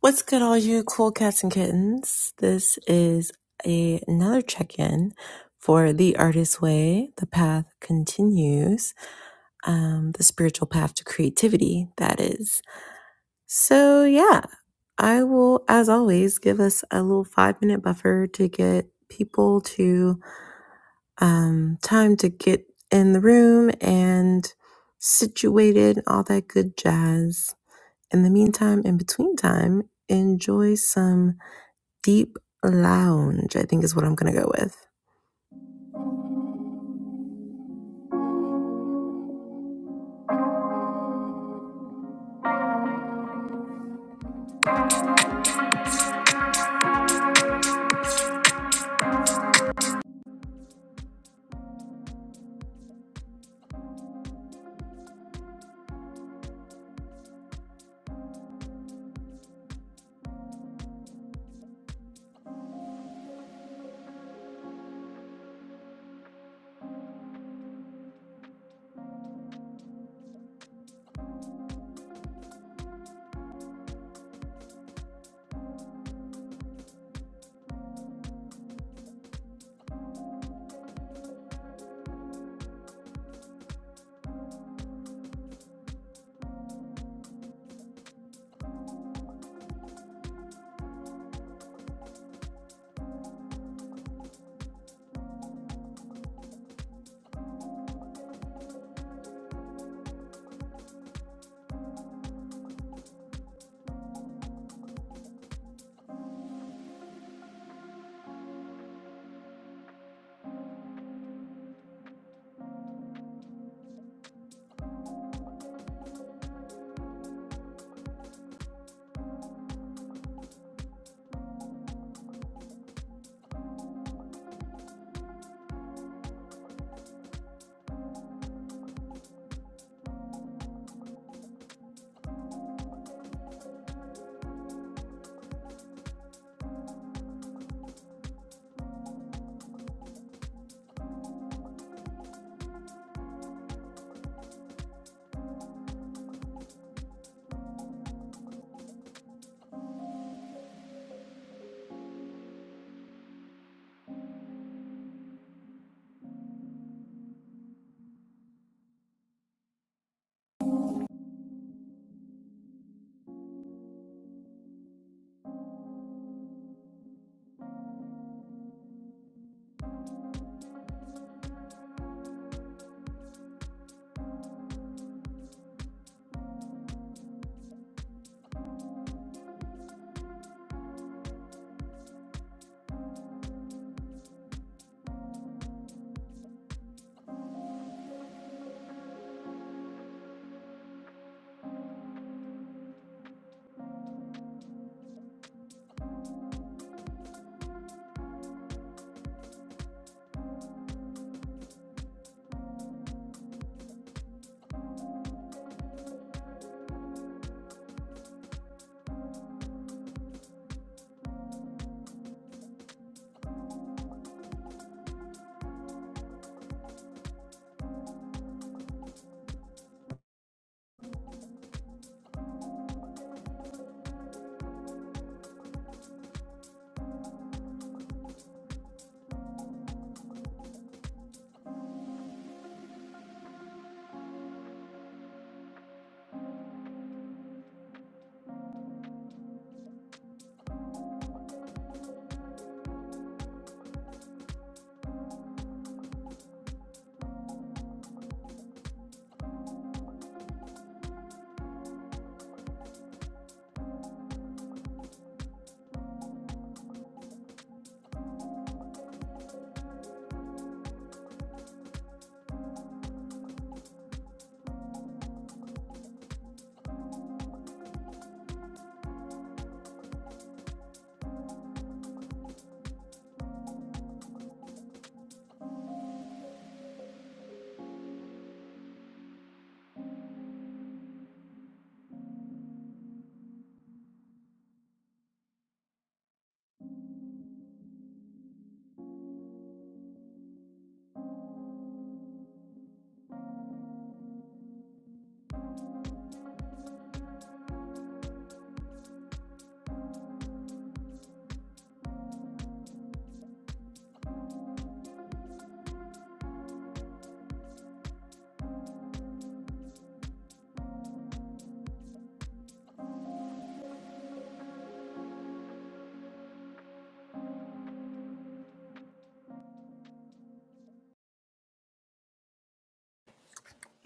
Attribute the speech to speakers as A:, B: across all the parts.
A: What's good, all you cool cats and kittens? This is a, another check in for The Artist's Way. The path continues, um, the spiritual path to creativity, that is. So, yeah, I will, as always, give us a little five minute buffer to get people to um, time to get in the room and situated, all that good jazz. In the meantime, in between time, enjoy some Deep Lounge, I think is what I'm going to go with.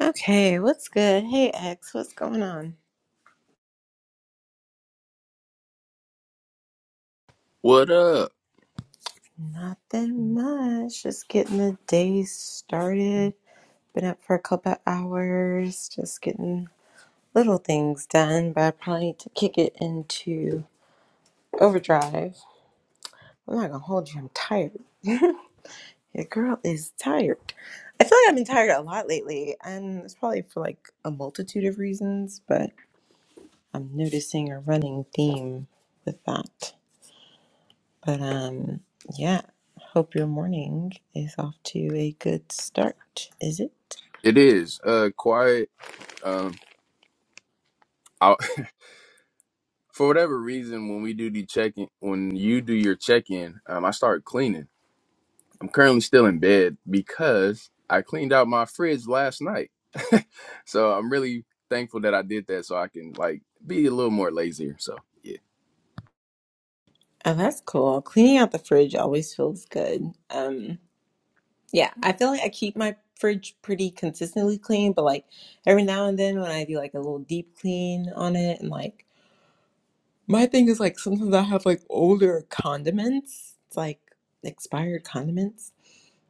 A: Okay, what's good? Hey, X, what's going on?
B: What up?
A: Nothing much. Just getting the day started. Been up for a couple of hours, just getting little things done, but I probably need to kick it into overdrive. I'm not gonna hold you, I'm tired. Your girl is tired. I feel like I've been tired a lot lately, and it's probably for like a multitude of reasons, but. I'm noticing a running theme with that. But um yeah, hope your morning is off to a good start, is it?
B: It is uh quiet. Um, I, for whatever reason, when we do the check in, when you do your check in, um, I start cleaning. I'm currently still in bed because I cleaned out my fridge last night. so I'm really thankful that I did that, so I can like be a little more lazier. So yeah,
A: Oh, that's cool. Cleaning out the fridge always feels good. Um yeah, I feel like I keep my fridge pretty consistently clean, but like every now and then when I do like a little deep clean on it and like my thing is like sometimes I have like older condiments. It's like expired condiments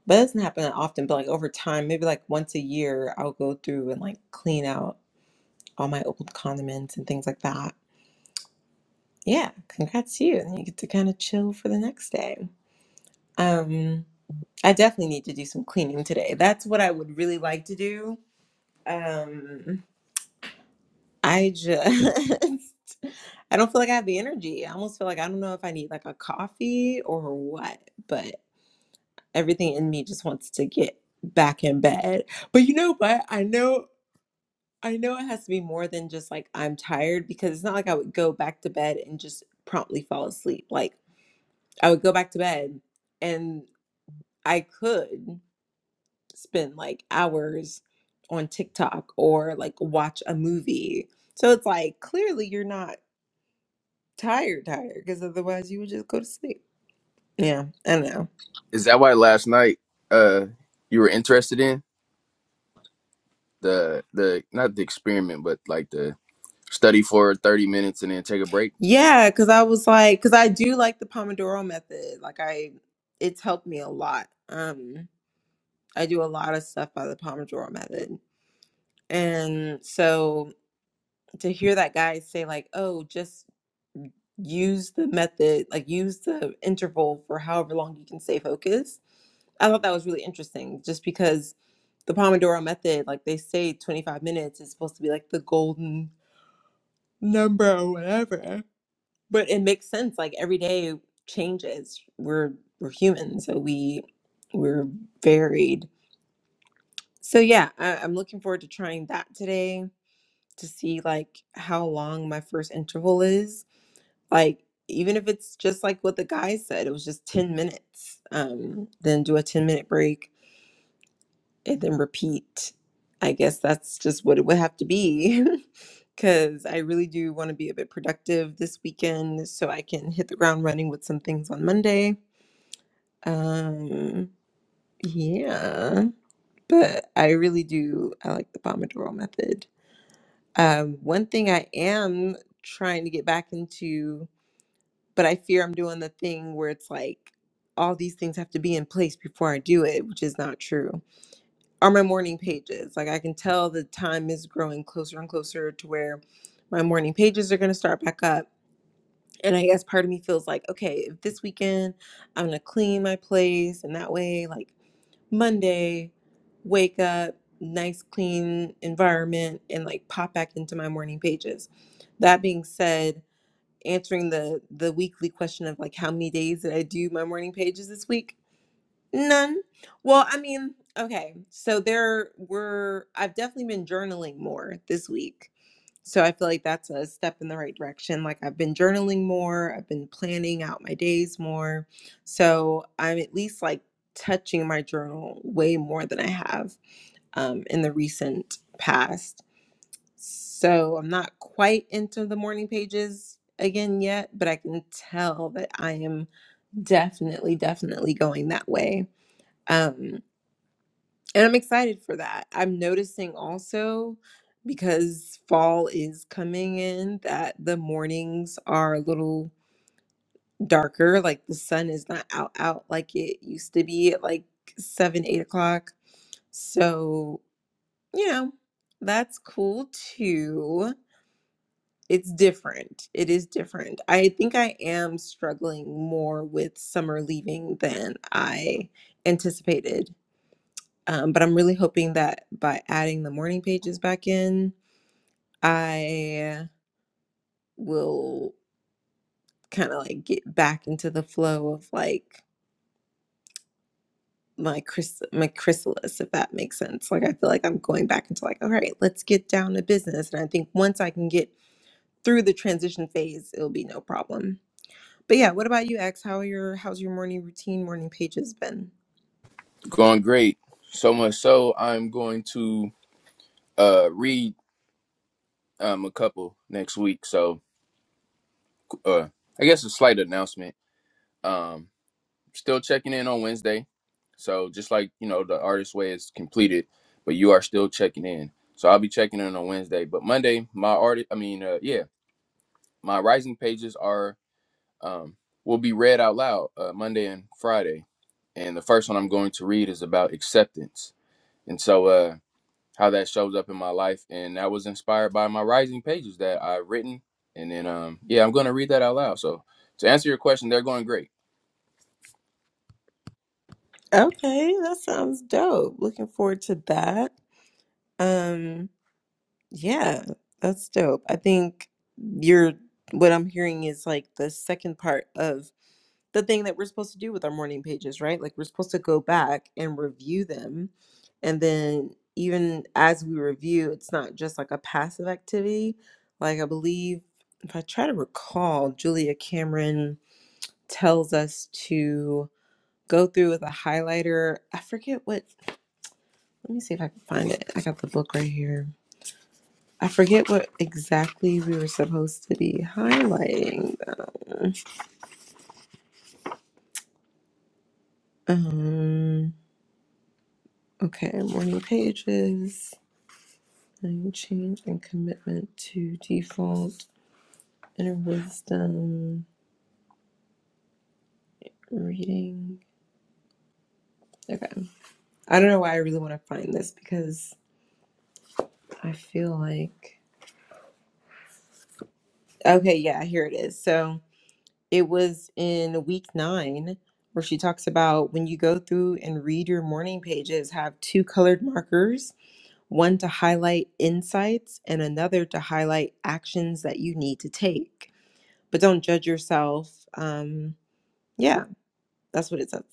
A: But it doesn't happen that often, but like over time, maybe like once a year, I'll go through and like clean out all my old condiments and things like that. Yeah, congrats to you. And you get to kind of chill for the next day. Um, I definitely need to do some cleaning today. That's what I would really like to do. Um, I just I don't feel like I have the energy. I almost feel like I don't know if I need like a coffee or what, but everything in me just wants to get back in bed. But you know what? I know I know it has to be more than just like I'm tired because it's not like I would go back to bed and just promptly fall asleep. Like I would go back to bed and I could spend like hours on TikTok or like watch a movie. So it's like clearly you're not tired, tired because otherwise you would just go to sleep. Yeah, I know.
B: is that why last night uh you were interested in the the not the experiment, but like the study for 30 minutes and then take a break?
A: Yeah, because I was like, because I do like the Pomodoro method. Like I, it's helped me a lot. Um, I do a lot of stuff by the Pomodoro method And so to hear that guy say, like, oh, just use the method, like use the interval for however long you can stay focused, I thought that was really interesting just because the Pomodoro method, like they say 25 minutes is supposed to be like the golden number or whatever. But it makes sense. Like every day changes. We're we're human, so we we're varied. So yeah, I, I'm looking forward to trying that today to see like how long my first interval is. Like even if it's just like what the guy said, it was just 10 minutes. Um then do a 10 minute break and then repeat. I guess that's just what it would have to be cuz I really do want to be a bit productive this weekend so I can hit the ground running with some things on Monday. Um yeah, but I really do I like the Pomodoro method. Um, one thing I am trying to get back into, but I fear I'm doing the thing where it's like all these things have to be in place before I do it, which is not true. Are my morning pages. Like I can tell the time is growing closer and closer to where my morning pages are going to start back up. And I guess part of me feels like, okay, if this weekend I'm going to clean my place and that way, like Monday, wake up, nice clean environment, and like pop back into my morning pages. That being said, answering the the weekly question of like how many days did I do my morning pages this week? None. Well, I mean, okay. So there were, I've definitely been journaling more this week. So I feel like that's a step in the right direction. Like I've been journaling more, I've been planning out my days more. So I'm at least like touching my journal way more than I have um, in the recent past. So I'm not quite into the morning pages again yet, but I can tell that I am definitely, definitely going that way. Um, and I'm excited for that. I'm noticing also because fall is coming in that the mornings are a little darker. Like the sun is not out out like it used to be at like seven, eight o'clock. So, you know, that's cool too. It's different. It is different. I think I am struggling more with summer leaving than I anticipated Um, but I'm really hoping that by adding the morning pages back in, I will kind of like get back into the flow of like my chris my chrysalis, if that makes sense. Like I feel like I'm going back into like, all right, let's get down to business. And I think once I can get through the transition phase, it'll be no problem. But yeah, what about you, X? How are your how's your morning routine, morning pages been?
B: Going great. So much so, I'm going to uh, read um, a couple next week. So, uh, I guess a slight announcement. Um, still checking in on Wednesday. So, just like, you know, the artist way is completed, but you are still checking in. So, I'll be checking in on Wednesday. But Monday, my art, I mean, uh, yeah, my rising pages are, um, will be read out loud uh, Monday and Friday. And the first one I'm going to read is about acceptance. And so, uh, how that shows up in my life and that was inspired by my rising pages that i've written and then um yeah i'm gonna read that out loud so to answer your question they're going great
A: Okay, that sounds dope. Looking forward to that. Um Yeah, that's dope. I think you're what I'm hearing is like the second part of the thing that we're supposed to do with our morning pages, right? Like we're supposed to go back and review them. And then even as we review, it's not just like a passive activity. Like I believe if I try to recall, Julia Cameron tells us to go through with a highlighter. I forget what, let me see if I can find it. I got the book right here I forget what exactly we were supposed to be highlighting though. Um, okay, morning pages, and change and commitment to default, inner wisdom, reading. Okay. I don't know why I really want to find this because I feel like okay, yeah, here it is. So it was in week nine where she talks about when you go through and read your morning pages, have two colored markers one to highlight insights and another to highlight actions that you need to take. But don't judge yourself. Um, yeah, that's what it says.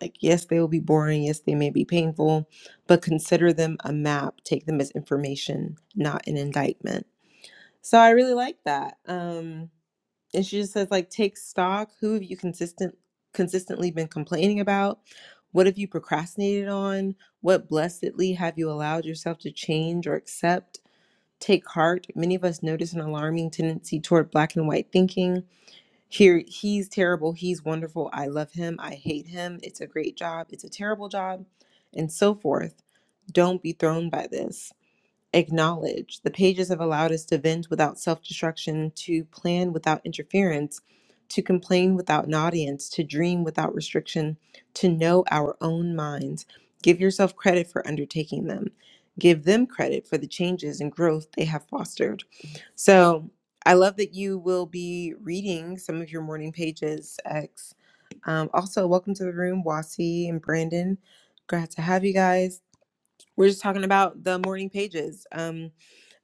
A: Like, yes, they will be boring. Yes, they may be painful, but consider them a map. Take them as information, not an indictment. So I really like that. Um, and she just says, like, take stock. Who have you consistent consistently been complaining about? What have you procrastinated on? What blessedly have you allowed yourself to change or accept? Take heart. Many of us notice an alarming tendency toward black and white thinking. Here, he's terrible, he's wonderful, I love him, I hate him, it's a great job, it's a terrible job, and so forth. Don't be thrown by this acknowledge. The pages have allowed us to vent without self destruction, to plan without interference, to complain without an audience, to dream without restriction, to know our own minds. Give yourself credit for undertaking them. Give them credit for the changes and growth they have fostered. So I love that you will be reading some of your morning pages, X. Um, also, welcome to the room, Wasi and Brandon. Glad to have you guys. We're just talking about the morning pages. Um,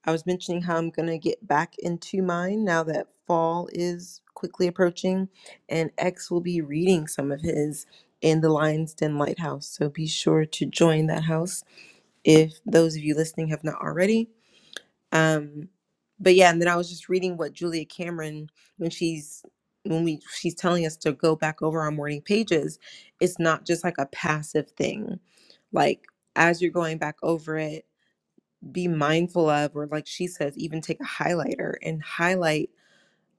A: I was mentioning how I'm going to get back into mine now that fall is quickly approaching, and X will be reading some of his in the Lion's Den Lighthouse. So be sure to join that house if those of you listening have not already. Um, but yeah, and then I was just reading what Julia Cameron when she's when we she's telling us to go back over our morning pages. It's not just like a passive thing, like as you're going back over it be mindful of, or like she says, even take a highlighter and highlight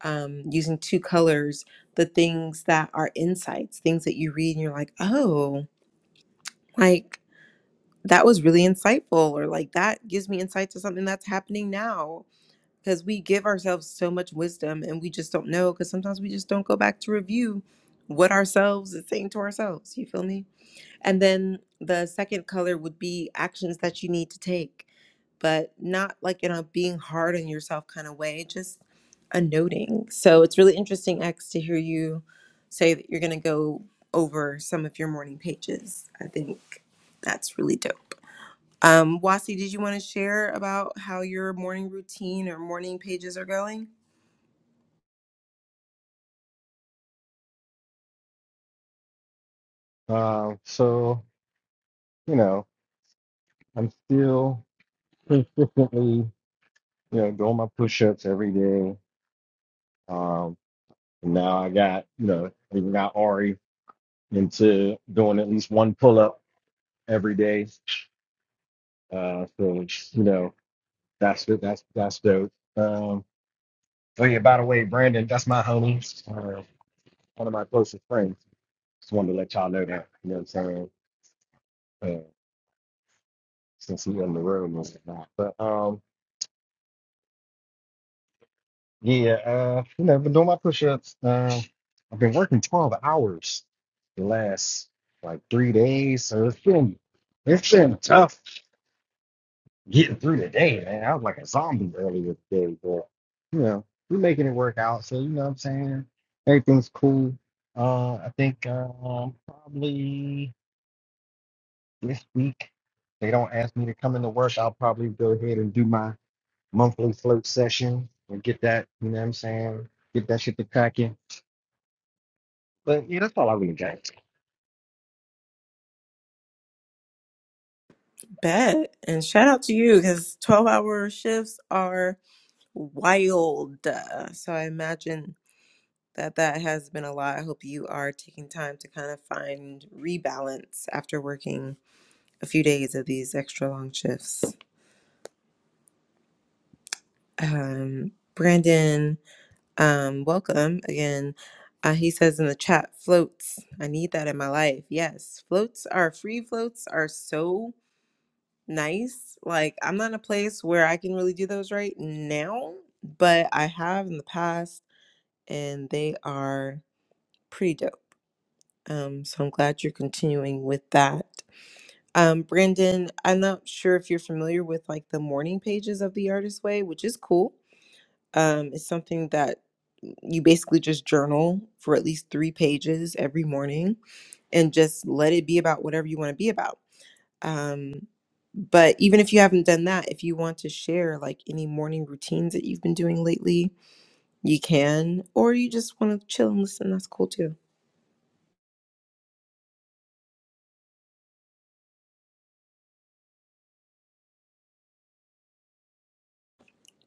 A: um, using two colors the things that are insights, things that you read and you're like, oh, like that was really insightful, or like that gives me insight to something that's happening now. Because we give ourselves so much wisdom and we just don't know, because sometimes we just don't go back to review what ourselves is saying to ourselves. You feel me? And then the second color would be actions that you need to take, but not like in a being hard on yourself kind of way, just a noting. So it's really interesting, X, to hear you say that you're going to go over some of your morning pages. I think that's really dope. Um, Wasi, did you want to share about how your morning routine or morning pages are going?
C: Um, so, you know, I'm still definitely, you know, doing my push-ups every day. Um, and now I got, you know, even got Ari into doing at least one pull-up every day. Uh, so, you know, that's that's that's dope. Um, oh yeah, by the way, Brandon, that's my homie, uh, one of my closest friends. Just wanted to let y'all know that, you know what I'm saying? Uh, since he's in the room and whatnot. But um, Yeah, uh, you know, been doing my push-ups. Uh, I've been working 12 hours the last like three days, so it's been it's been tough getting through the day, man. I was like a zombie earlier today, but you know, we're making it work out, so you know what I'm saying? Everything's cool. Uh, I think um probably this week they don't ask me to come into work. I'll probably go ahead and do my monthly float session and get that, you know what I'm saying? Get that shit to packing But yeah, that's all I really got.
A: Bet. And shout out to you because 12 hour shifts are wild. Uh, So I imagine that that has been a lot. I hope you are taking time to kind of find rebalance after working a few days of these extra long shifts. Um, Brandon, um, welcome again. Uh, he says in the chat, floats. I need that in my life. Yes, floats are free. Floats are so nice. Like I'm not in a place where I can really do those right now, but I have in the past, and they are pretty dope. Um, so I'm glad you're continuing with that. Um, Brandon, I'm not sure if you're familiar with like the morning pages of the Artist Way, which is cool. Um, it's something that you basically just journal for at least three pages every morning and just let it be about whatever you want to be about. Um, but even if you haven't done that, if you want to share like any morning routines that you've been doing lately, you can, or you just want to chill and listen, that's cool too.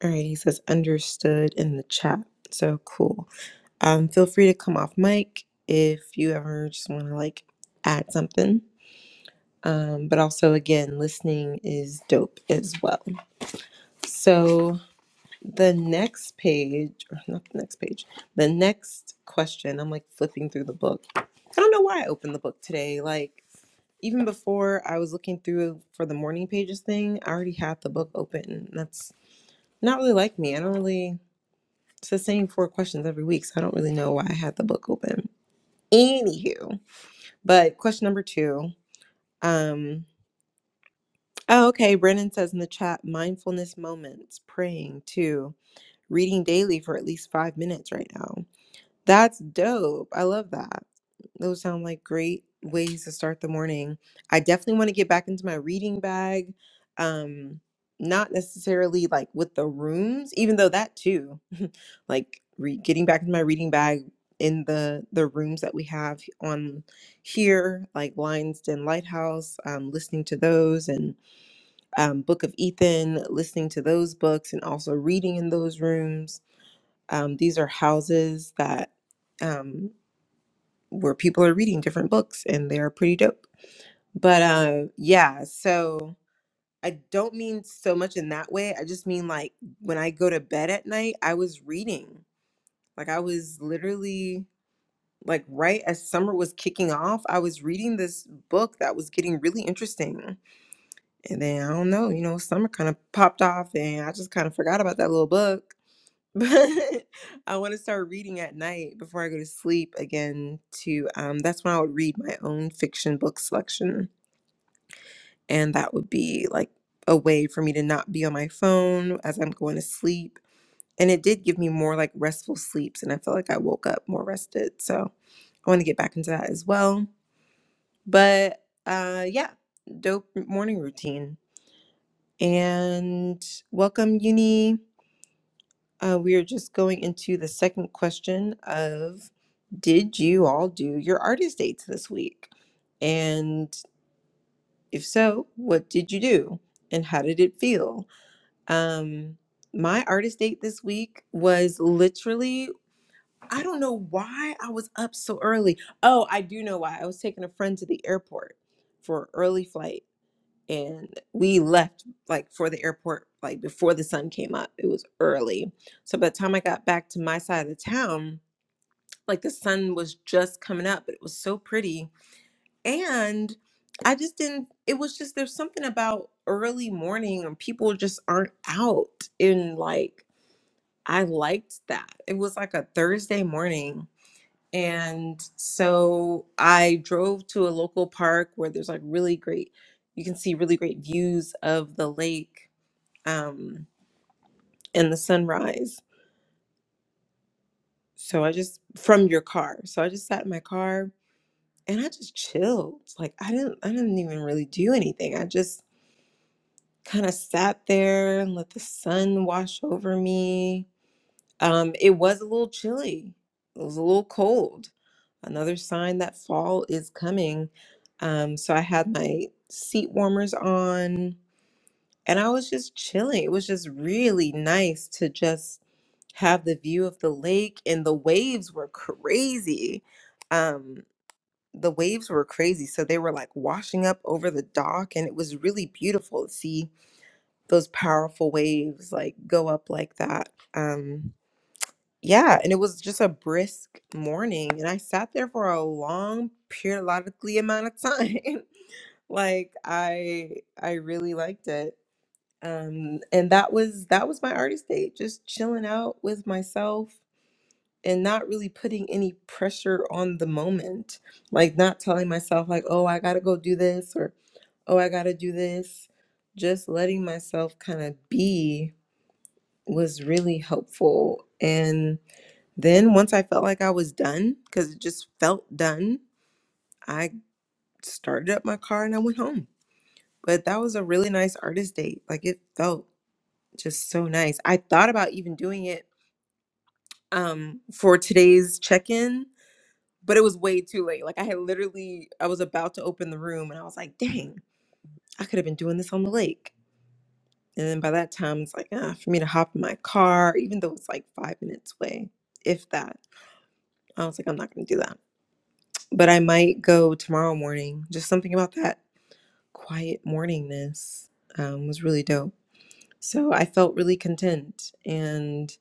A: All right, he says understood in the chat. So cool. Um, feel free to come off mic if you ever just want to like add something. Um, but also, again, listening is dope as well. So the next page, or not the next page, the next question, I'm like flipping through the book. I don't know why I opened the book today. Like, even before I was looking through for the morning pages thing, I already had the book open. That's not really like me. I don't really. It's the same four questions every week, so I don't really know why I had the book open. Anywho, but question number two. Um, oh, okay. Brennan says in the chat, mindfulness moments, praying too, reading daily for at least five minutes right now. That's dope. I love that. Those sound like great ways to start the morning. I definitely want to get back into my reading bag. Um, not necessarily like with the rooms, even though that too, like re getting back into my reading bag in the the rooms that we have h- on here, like Lion's Den Lighthouse, um, listening to those, and um, Book of Ethan, listening to those books, and also reading in those rooms. Um, these are houses that. um where people are reading different books and they're pretty dope. But uh, yeah, so I don't mean so much in that way. I just mean like when I go to bed at night, I was reading. Like I was literally like right as summer was kicking off, I was reading this book that was getting really interesting. And then I don't know, you know, summer kind of popped off and I just kind of forgot about that little book. but I want to start reading at night before I go to sleep again to um that's when I would read my own fiction book selection and that would be like a way for me to not be on my phone as I'm going to sleep and it did give me more like restful sleeps and I felt like I woke up more rested so I want to get back into that as well but uh yeah dope morning routine and welcome uni Uh, we are just going into the second question of Did you all do your artist dates this week? And if so, what did you do and how did it feel? Um, my artist date this week was literally, I don't know why I was up so early. Oh, I do know why. I was taking a friend to the airport for early flight and we left like for the airport like before the sun came up it was early so by the time i got back to my side of the town like the sun was just coming up but it was so pretty and i just didn't it was just there's something about early morning and people just aren't out and like i liked that it was like a thursday morning and so I drove to a local park where there's like really great, you can see really great views of the lake um, and the sunrise. So I just from your car. So I just sat in my car and I just chilled. Like I didn't I didn't even really do anything. I just kind of sat there and let the sun wash over me Um, it was a little chilly. It was a little cold. Another sign that fall is coming. Um, so I had my seat warmers on and I was just chilling. It was just really nice to just have the view of the lake and the waves were crazy. Um, the waves were crazy. So they were like washing up over the dock and it was really beautiful to see those powerful waves like go up like that. Um, yeah, and it was just a brisk morning, and I sat there for a long periodically amount of time. Like I I really liked it. Um and that was that was my artist day, just chilling out with myself and not really putting any pressure on the moment. Like not telling myself like, "Oh, I got to go do this," or "Oh, I got to do this." Just letting myself kind of be was really helpful and then, once I felt like I was done, because it just felt done, I started up my car and I went home. But that was a really nice artist date. Like it felt just so nice. I thought about even doing it um, for today's check in, but it was way too late. Like I had literally, I was about to open the room and I was like, dang, I could have been doing this on the lake. And then by that time, it's like, ah, for me to hop in my car, even though it's like five minutes away, if that, I was like, I'm not going to do that. but I might go tomorrow morning. Just something about that quiet morningness um, was really dope. So I felt really content and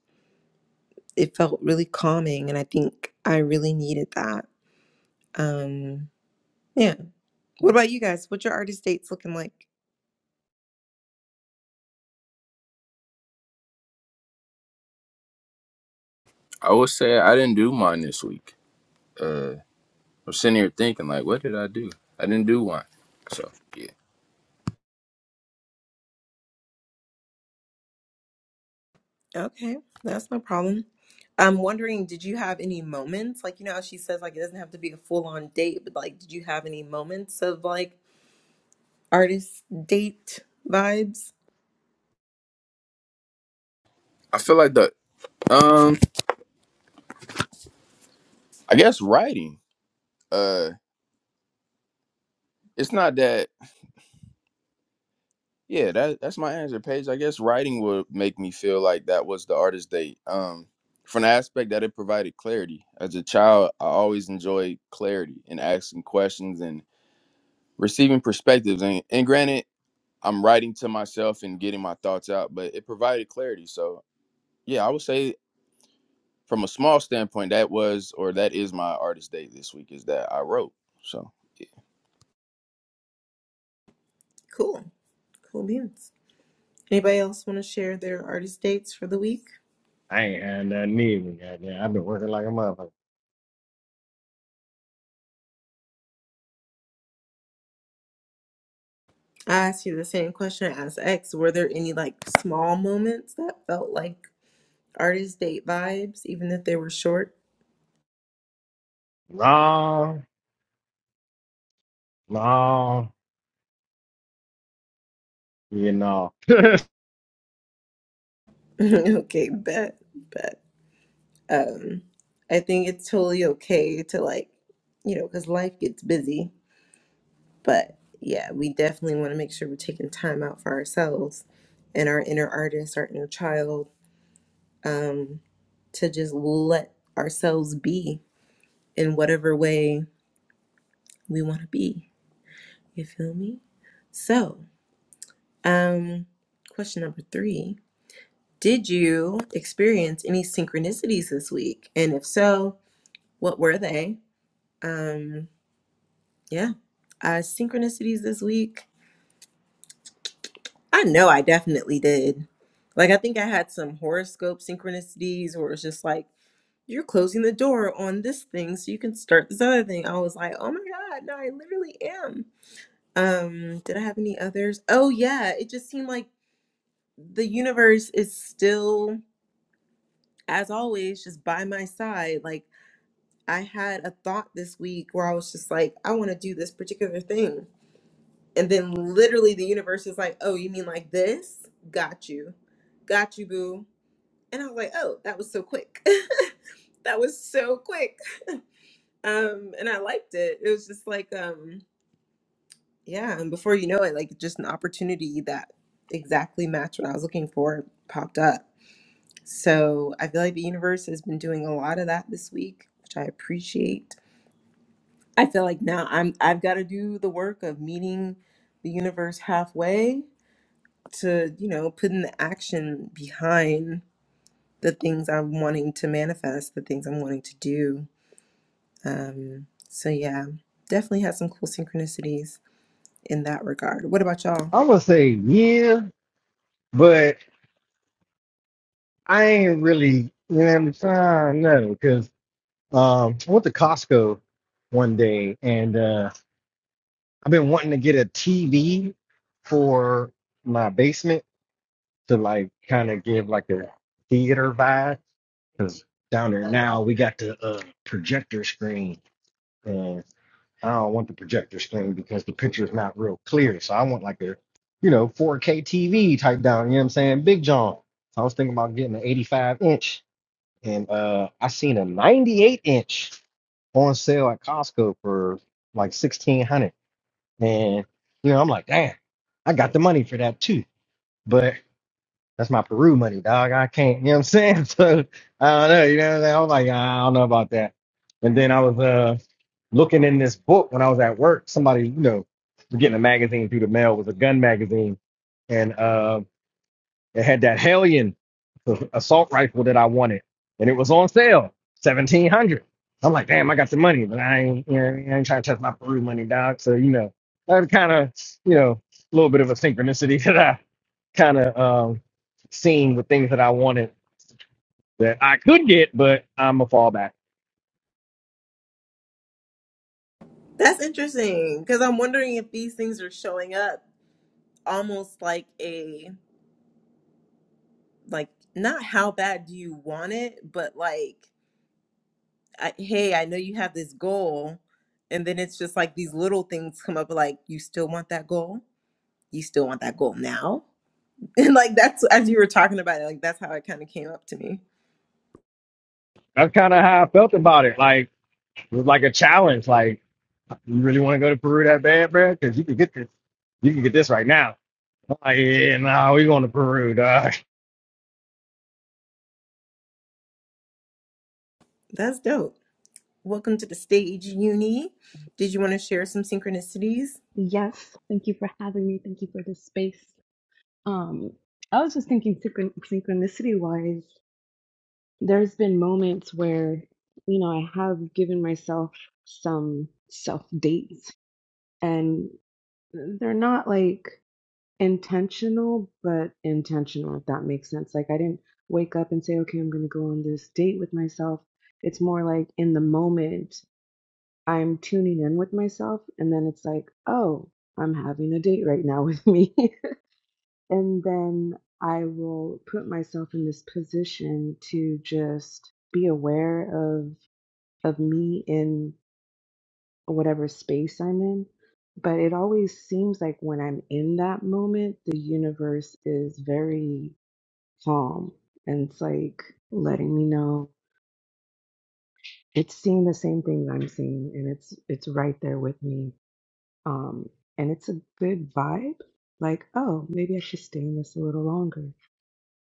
A: it felt really calming. And I think I really needed that. Um, yeah. What about you guys? What's your artist dates looking like?
B: i would say i didn't do mine this week uh i'm sitting here thinking like what did i do i didn't do one so yeah
A: Okay, that's no problem. I'm wondering, did you have any moments? Like, you know, how she says, like, it doesn't have to be a full on date, but like, did you have any moments of like artist date vibes?
B: i feel like the um i guess writing uh it's not that Yeah, that that's my answer, Paige. I guess writing would make me feel like that was the artist date. Um, from the aspect that it provided clarity. As a child, I always enjoyed clarity and asking questions and receiving perspectives. And, and granted, I'm writing to myself and getting my thoughts out, but it provided clarity. So yeah, I would say from a small standpoint, that was or that is my artist date this week is that I wrote. So
A: Cool. Cool beans. Anybody else want to share their artist dates for the week?
C: I ain't had nothing either. Goddamn, I've been working like a motherfucker.
A: I asked you the same question as X. Were there any like small moments that felt like artist date vibes, even if they were short?
C: No, no, you know.
A: okay, bet, bet. Um, I think it's totally okay to like, you know, because life gets busy. But yeah, we definitely want to make sure we're taking time out for ourselves and our inner artist, our inner child, um, to just let ourselves be in whatever way we want to be. You feel me? So, um, question number three Did you experience any synchronicities this week? And if so, what were they? Um, yeah, uh, synchronicities this week. I know I definitely did. Like, I think I had some horoscope synchronicities where it was just like, you're closing the door on this thing so you can start this other thing. I was like, oh my God, no, I literally am. Um, did I have any others? Oh yeah, it just seemed like the universe is still, as always, just by my side. Like, I had a thought this week where I was just like, I want to do this particular thing. And then literally the universe is like, oh, you mean like this? Got you. Got you, boo. And I was like, oh, that was so quick. that was so quick. Um, and I liked it. It was just like, um, yeah. And before you know it, like just an opportunity that exactly matched what I was looking for popped up So I feel like the universe has been doing a lot of that this week, which I appreciate. I feel like now I'm I've got to do the work of meeting the universe halfway to, you know, put in the action behind the things I'm wanting to manifest, the things I'm wanting to do. Um, so yeah, definitely had some cool synchronicities in that regard. What about y'all?
C: I would say yeah, but I ain't really, you know, what I'm trying No, because um, I went to Costco one day and uh, I've been wanting to get a TV for my basement to like kind of give like a theater vibe because down there now we got the uh, projector screen I don't want the projector screen because the picture is not real clear. So I want like a, you know, 4K TV type down. You know what I'm saying? Big John. So I was thinking about getting an 85 inch, and uh, I seen a 98 inch on sale at Costco for like 1600. And you know, I'm like, damn, I got the money for that too. But that's my Peru money, dog. I can't, you know what I'm saying? So I don't know, you know what I'm saying? I was like, "Nah, I don't know about that. And then I was uh looking in this book when I was at work. Somebody, you know, was getting a magazine through the mail. It was a gun magazine, and um it had that Hellion assault rifle that I wanted, and it was on sale, seventeen hundred. I'm like, damn, I got the money, but I ain't, you know, I ain't trying to touch my Peru money, dog. So you know, that kind of, you know, a little bit of a synchronicity that I kind of um, seen with things that I wanted that I could get, but I'm a fallback.
A: That's interesting because I'm wondering if these things are showing up almost like a like not how bad do you want it, but like I, hey, I know you have this goal, and then it's just like these little things come up like you still want that goal, you still want that goal now. And like that's as you were talking about it, like that's how it kind of came up to me.
C: That's kind of how I felt about it. Like it was like a challenge. Like you really want to go to Peru that bad, bro? Because you can get this, you can get this right now. I'm like, yeah, no, nah, we going to Peru, dog.
A: That's dope. Welcome to the stage, Uni. Did you want to share some synchronicities?
D: Yes, thank you for having me. Thank you for this space. Um, I was just thinking synchron- synchronicity wise, there's been moments where, you know, I have given myself some self dates and they're not like intentional, but intentional, if that makes sense. Like I didn't wake up and say, okay, I'm going to go on this date with myself. It's more like in the moment, I'm tuning in with myself, and then it's like, oh, I'm having a date right now with me. And then I will put myself in this position to just be aware of of me in whatever space I'm in. But it always seems like when I'm in that moment, the universe is very calm and it's like letting me know it's seeing the same things I'm seeing and it's it's right there with me. Um and it's a good vibe. Like, oh, maybe I should stay in this a little longer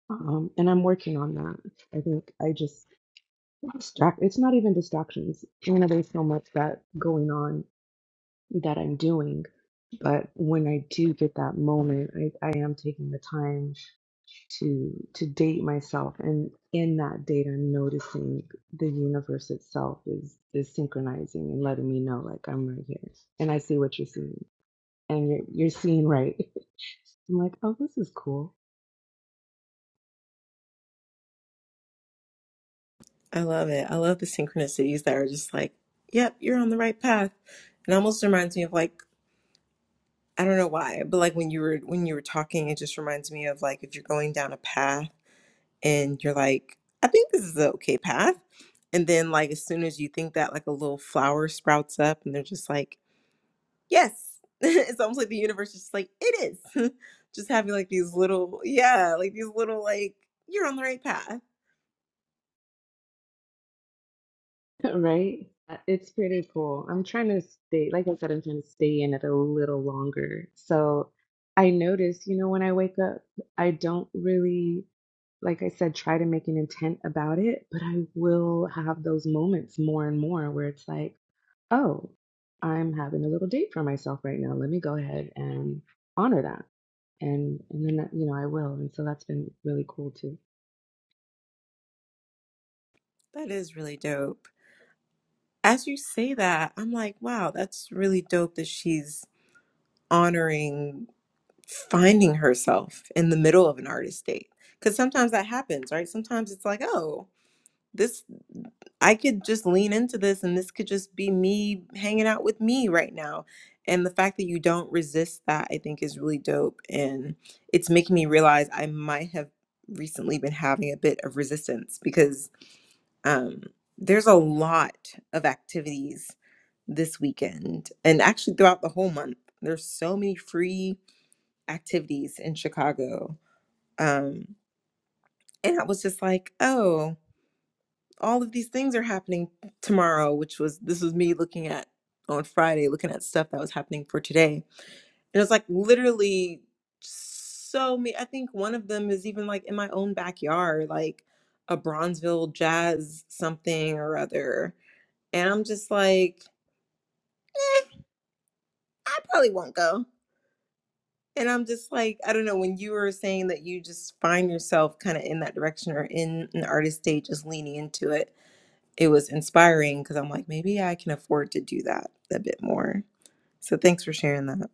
D: Um, and I'm working on that. I think I just distract. It's not even distractions. You know, there's so much that going on that I'm doing, but when I do get that moment, I, I am taking the time to to date myself, and in that date, I'm noticing the universe itself is is synchronizing and letting me know like I'm right here, and I see what you're seeing, and you're you're seeing right. I'm like, oh, this is cool.
A: I love it. I love the synchronicities that are just like, yep, you're on the right path. It almost reminds me of like I don't know why, but like when you were when you were talking, it just reminds me of like if you're going down a path and you're like, I think this is the okay path. And then like as soon as you think that, like a little flower sprouts up and they're just like, Yes. it's almost like the universe is just like, it is. just having like these little yeah, like these little like you're on the right path.
D: Right? Uh, It's pretty cool. I'm trying to stay, like I said, I'm trying to stay in it a little longer. So I notice, you know, when I wake up, I don't really, like I said, try to make an intent about it, but I will have those moments more and more where it's like, oh, I'm having a little date for myself right now. Let me go ahead and honor that. And and then, that- you know, I will. And so that's been really cool too.
A: That is really dope. As you say that, I'm like, wow, that's really dope that she's honoring finding herself in the middle of an artist date because sometimes that happens right sometimes it's like oh this i could just lean into this and this could just be me hanging out with me right now and the fact that you don't resist that i think is really dope and it's making me realize i might have recently been having a bit of resistance because um there's a lot of activities this weekend and actually throughout the whole month there's so many free activities in Chicago. Um, and I was just like, oh, all of these things are happening tomorrow, which was this was me looking at on Friday, looking at stuff that was happening for today. And it's like literally so me. I think one of them is even like in my own backyard, like a Bronzeville jazz something or other. And I'm just like, eh, I probably won't go. And I'm just like, I don't know, when you were saying that you just find yourself kind of in that direction or in an artist stage, just leaning into it, it was inspiring because I'm like, maybe I can afford to do that a bit more. So thanks for sharing that.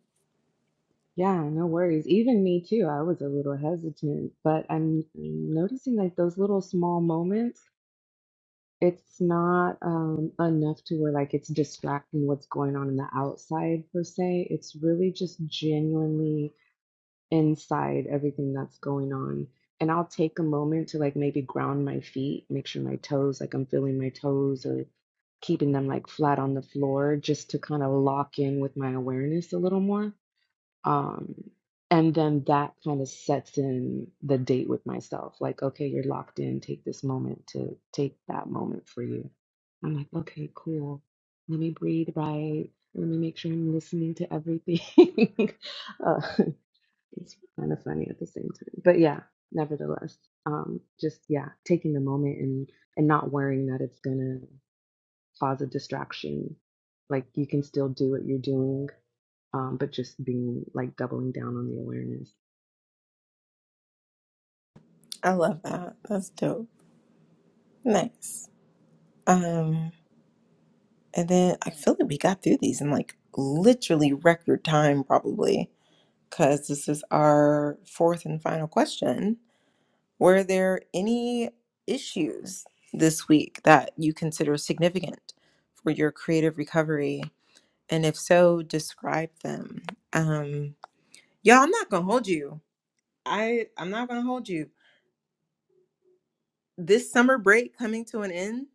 D: Yeah, no worries. Even me too. I was a little hesitant, but I'm noticing like those little small moments, it's not um enough to where like it's distracting what's going on in the outside per se. It's really just genuinely inside everything that's going on. And I'll take a moment to like maybe ground my feet, make sure my toes, like I'm feeling my toes or keeping them like flat on the floor just to kind of lock in with my awareness a little more. Um, and then that kind of sets in the date with myself. Like, okay, you're locked in. Take this moment to take that moment for you. I'm like, okay, cool. Let me breathe right. Let me make sure I'm listening to everything. uh, it's kind of funny at the same time, but yeah. Nevertheless, um, just yeah, taking the moment and and not worrying that it's gonna cause a distraction. Like you can still do what you're doing um, but just being like doubling down on the awareness.
A: I love that. That's dope. Nice. Um, and then I feel like we got through these in like literally record time, probably, because this is our fourth and final question. Were there any issues this week that you consider significant for your creative recovery? And if so, describe them. Um, y'all, I'm not gonna hold you. I I'm not gonna hold you. This summer break coming to an end,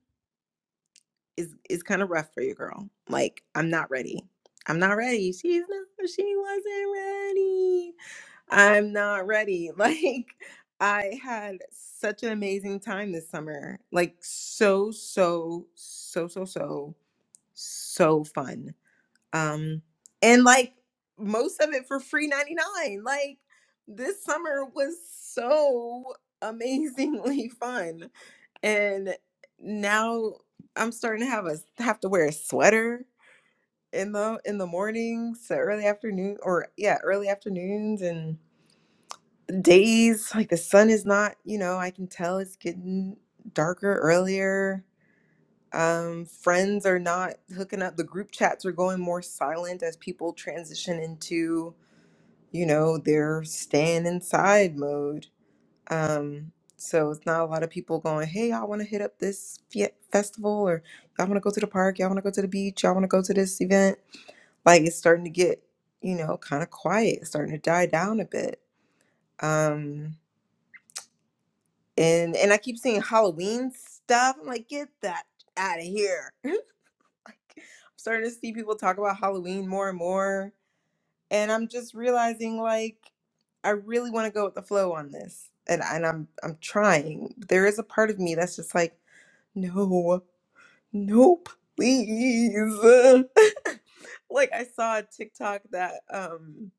A: is is kind of rough for you, girl. Like, I'm not ready. I'm not ready. She's not. She wasn't ready. I'm not ready. Like, I had such an amazing time this summer. Like, so so so so so so fun. Um, and like most of it for free ninety nine. Like, this summer was so amazingly fun and now I'm starting to have a have to wear a sweater in the in the mornings, so early afternoon or yeah, early afternoons and days like the sun is not, you know, I can tell it's getting darker earlier. Um, friends are not hooking up. The group chats are going more silent as people transition into, you know, their staying inside mode um, so it's not a lot of people going, hey, I want to hit up this fe- festival or y'all want to go to the park, y'all want to go to the beach, y'all want to go to this event. Like it's starting to get, you know, kind of quiet, it's starting to die down a bit. Um, and and I keep seeing Halloween stuff. I'm like, get that out of here. like I'm starting to see people talk about Halloween more and more. And I'm just realizing like I really want to go with the flow on this. And and I'm I'm trying. There is a part of me that's just like No, no, please. Like I saw a TikTok that um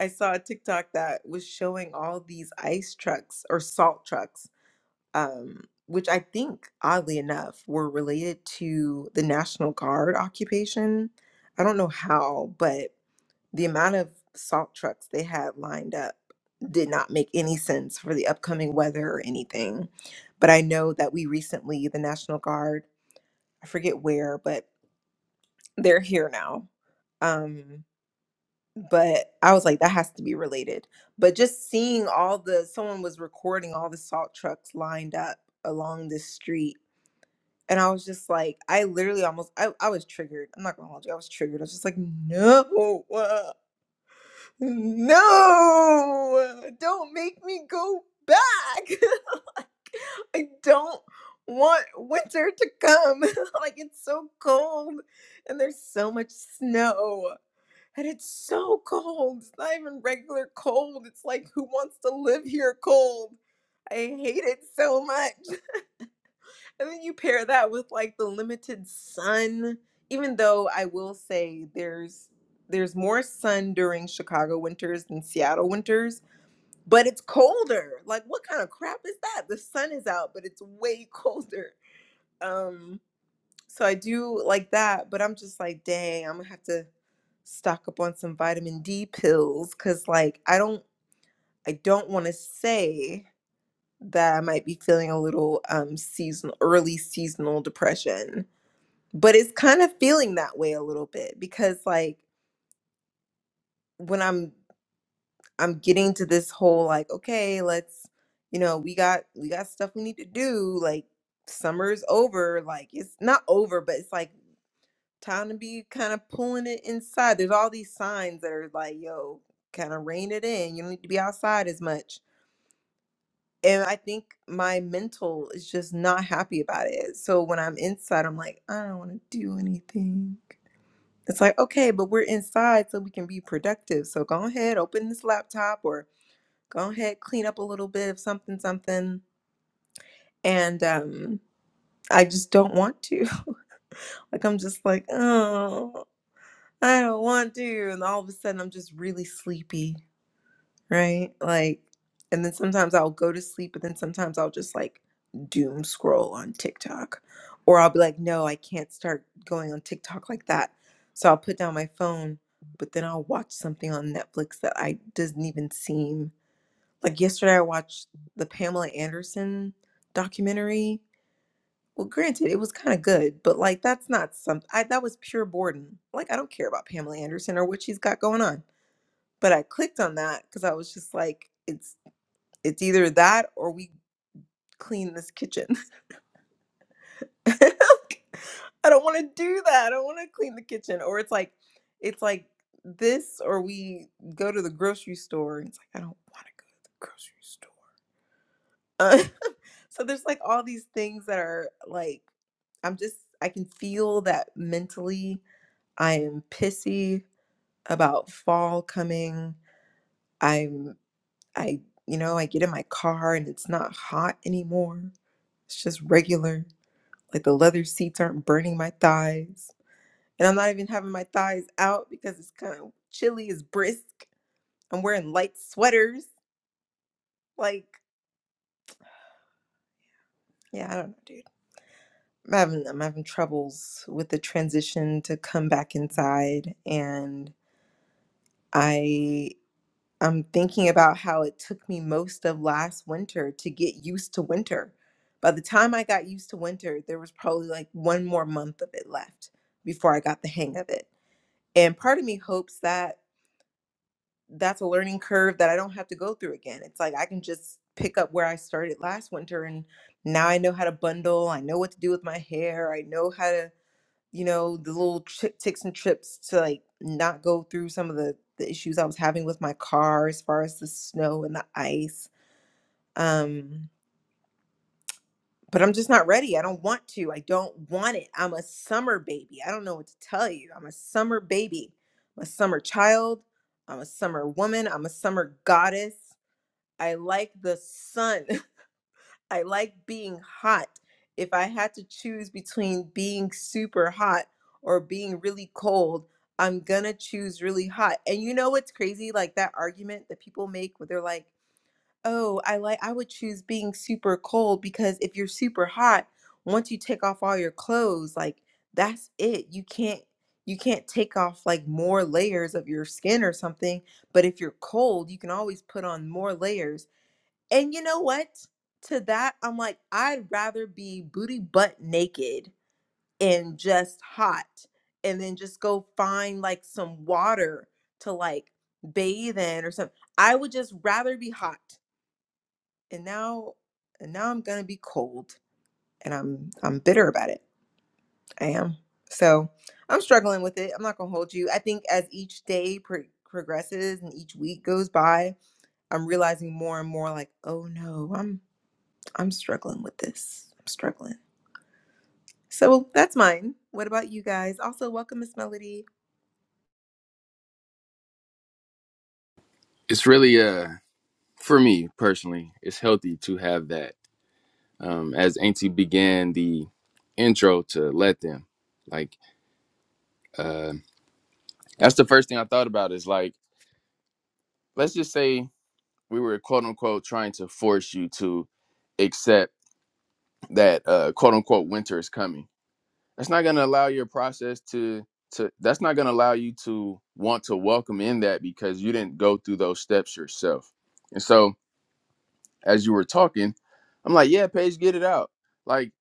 A: I saw a TikTok that was showing all these ice trucks or salt trucks, um, which I think oddly enough were related to the National Guard occupation. I don't know how, but the amount of salt trucks they had lined up did not make any sense for the upcoming weather or anything. But I know that we recently, the National Guard I forget where, but they're here now. Um, but I was like, that has to be related. But just seeing all the someone was recording all the salt trucks lined up along this street. And I was just like, I literally almost I, I was triggered. I'm not gonna hold you, I was triggered. I was just like, no, uh, no, don't make me go back. I don't want winter to come. like it's so cold and there's so much snow. And it's so cold. It's not even regular cold. It's like who wants to live here cold? I hate it so much. And then you pair that with like the limited sun, even though I will say there's there's more sun during Chicago winters than Seattle winters but it's colder. Like, what kind of crap is that? The sun is out, but it's way colder. Um, so I do like that, but I'm just like, dang, I'm gonna have to stock up on some vitamin D pills because like I don't I don't want to say that I might be feeling a little um seasonal early seasonal depression, but it's kind of feeling that way a little bit because like when I'm I'm getting to this whole like, okay, let's you know, we got we got stuff we need to do, like summer's over, like it's not over, but it's like time to be kind of pulling it inside. There's all these signs that are like, yo, kind of rein it in. You don't need to be outside as much. And I think my mental is just not happy about it. So when I'm inside, I'm like, I don't want to do anything. It's like, okay, but we're inside so we can be productive. So go ahead, open this laptop or go ahead, clean up a little bit of something, something. And um, I just don't want to. Like, I'm just like, oh. I don't want to. And all of a sudden, I'm just really sleepy, right? Like, and then sometimes I'll go to sleep, but then sometimes I'll just like doom scroll on TikTok. Or I'll be like, no, I can't start going on TikTok like that. So I'll put down my phone, but then I'll watch something on Netflix that I doesn't even seem like yesterday I watched the Pamela Anderson documentary well, granted, it was kind of good, but like that's not something I that was pure boredom. Like I don't care about Pamela Anderson or what she's got going on. But I clicked on that because I was just like, it's it's either that or we clean this kitchen. I don't want to do that. I don't want to clean the kitchen. Or it's like it's like this or we go to the grocery store. And it's like I don't want to go to the grocery store. Uh, so there's like all these things that are like I'm just I can feel that mentally I am pissy about fall coming. I'm I you know, I get in my car and it's not hot anymore. It's just regular. Like the leather seats aren't burning my thighs. And I'm not even having my thighs out because it's kind of chilly, it's brisk. I'm wearing light sweaters. Like, yeah, I don't know, dude. I'm having I'm having troubles with the transition to come back inside and I I'm thinking about how it took me most of last winter to get used to winter. By the time I got used to winter, there was probably like one more month of it left before I got the hang of it. And part of me hopes that that's a learning curve that I don't have to go through again. It's like I can just pick up where I started last winter and now I know how to bundle, I know what to do with my hair, I know how to you know, the little tri ticks and trips to like not go through some of the, the issues I was having with my car as far as the snow and the ice. Um, but I'm just not ready. I don't want to. I don't want it. I'm a summer baby. I don't know what to tell you. I'm a summer baby. I'm a summer child. I'm a summer woman. I'm a summer goddess. I like the sun. I like being hot. If I had to choose between being super hot or being really cold, I'm gonna choose really hot. And you know what's crazy? Like that argument that people make where they're like, oh, I like, I would choose being super cold because if you're super hot, once you take off all your clothes, like that's it. You can't, you can't take off like more layers of your skin or something. But if you're cold, you can always put on more layers. And you know what? To that, I'm like, I'd rather be booty butt naked and just hot and then just go find like some water to like bathe in or something. I would just rather be hot. And now and now I'm gonna be cold and I'm I'm bitter about it. I am. So I'm struggling with it. I'm not gonna hold you. I think as each day pro- progresses and each week goes by, I'm realizing more and more like, oh no, I'm I'm struggling with this. I'm struggling. So that's mine. What about you guys? Also, welcome, Miss Melody.
B: it's really uh for me personally, it's healthy to have that um, as Auntie began the intro to let them. Like, uh, that's the first thing I thought about is like, let's just say we were quote unquote trying to force you to accept that uh, quote unquote winter is coming. That's not going to allow your process to to. That's not going to allow you to want to welcome in that because you didn't go through those steps yourself. And so, as you were talking, I'm like, yeah, Paige, get it out. Like,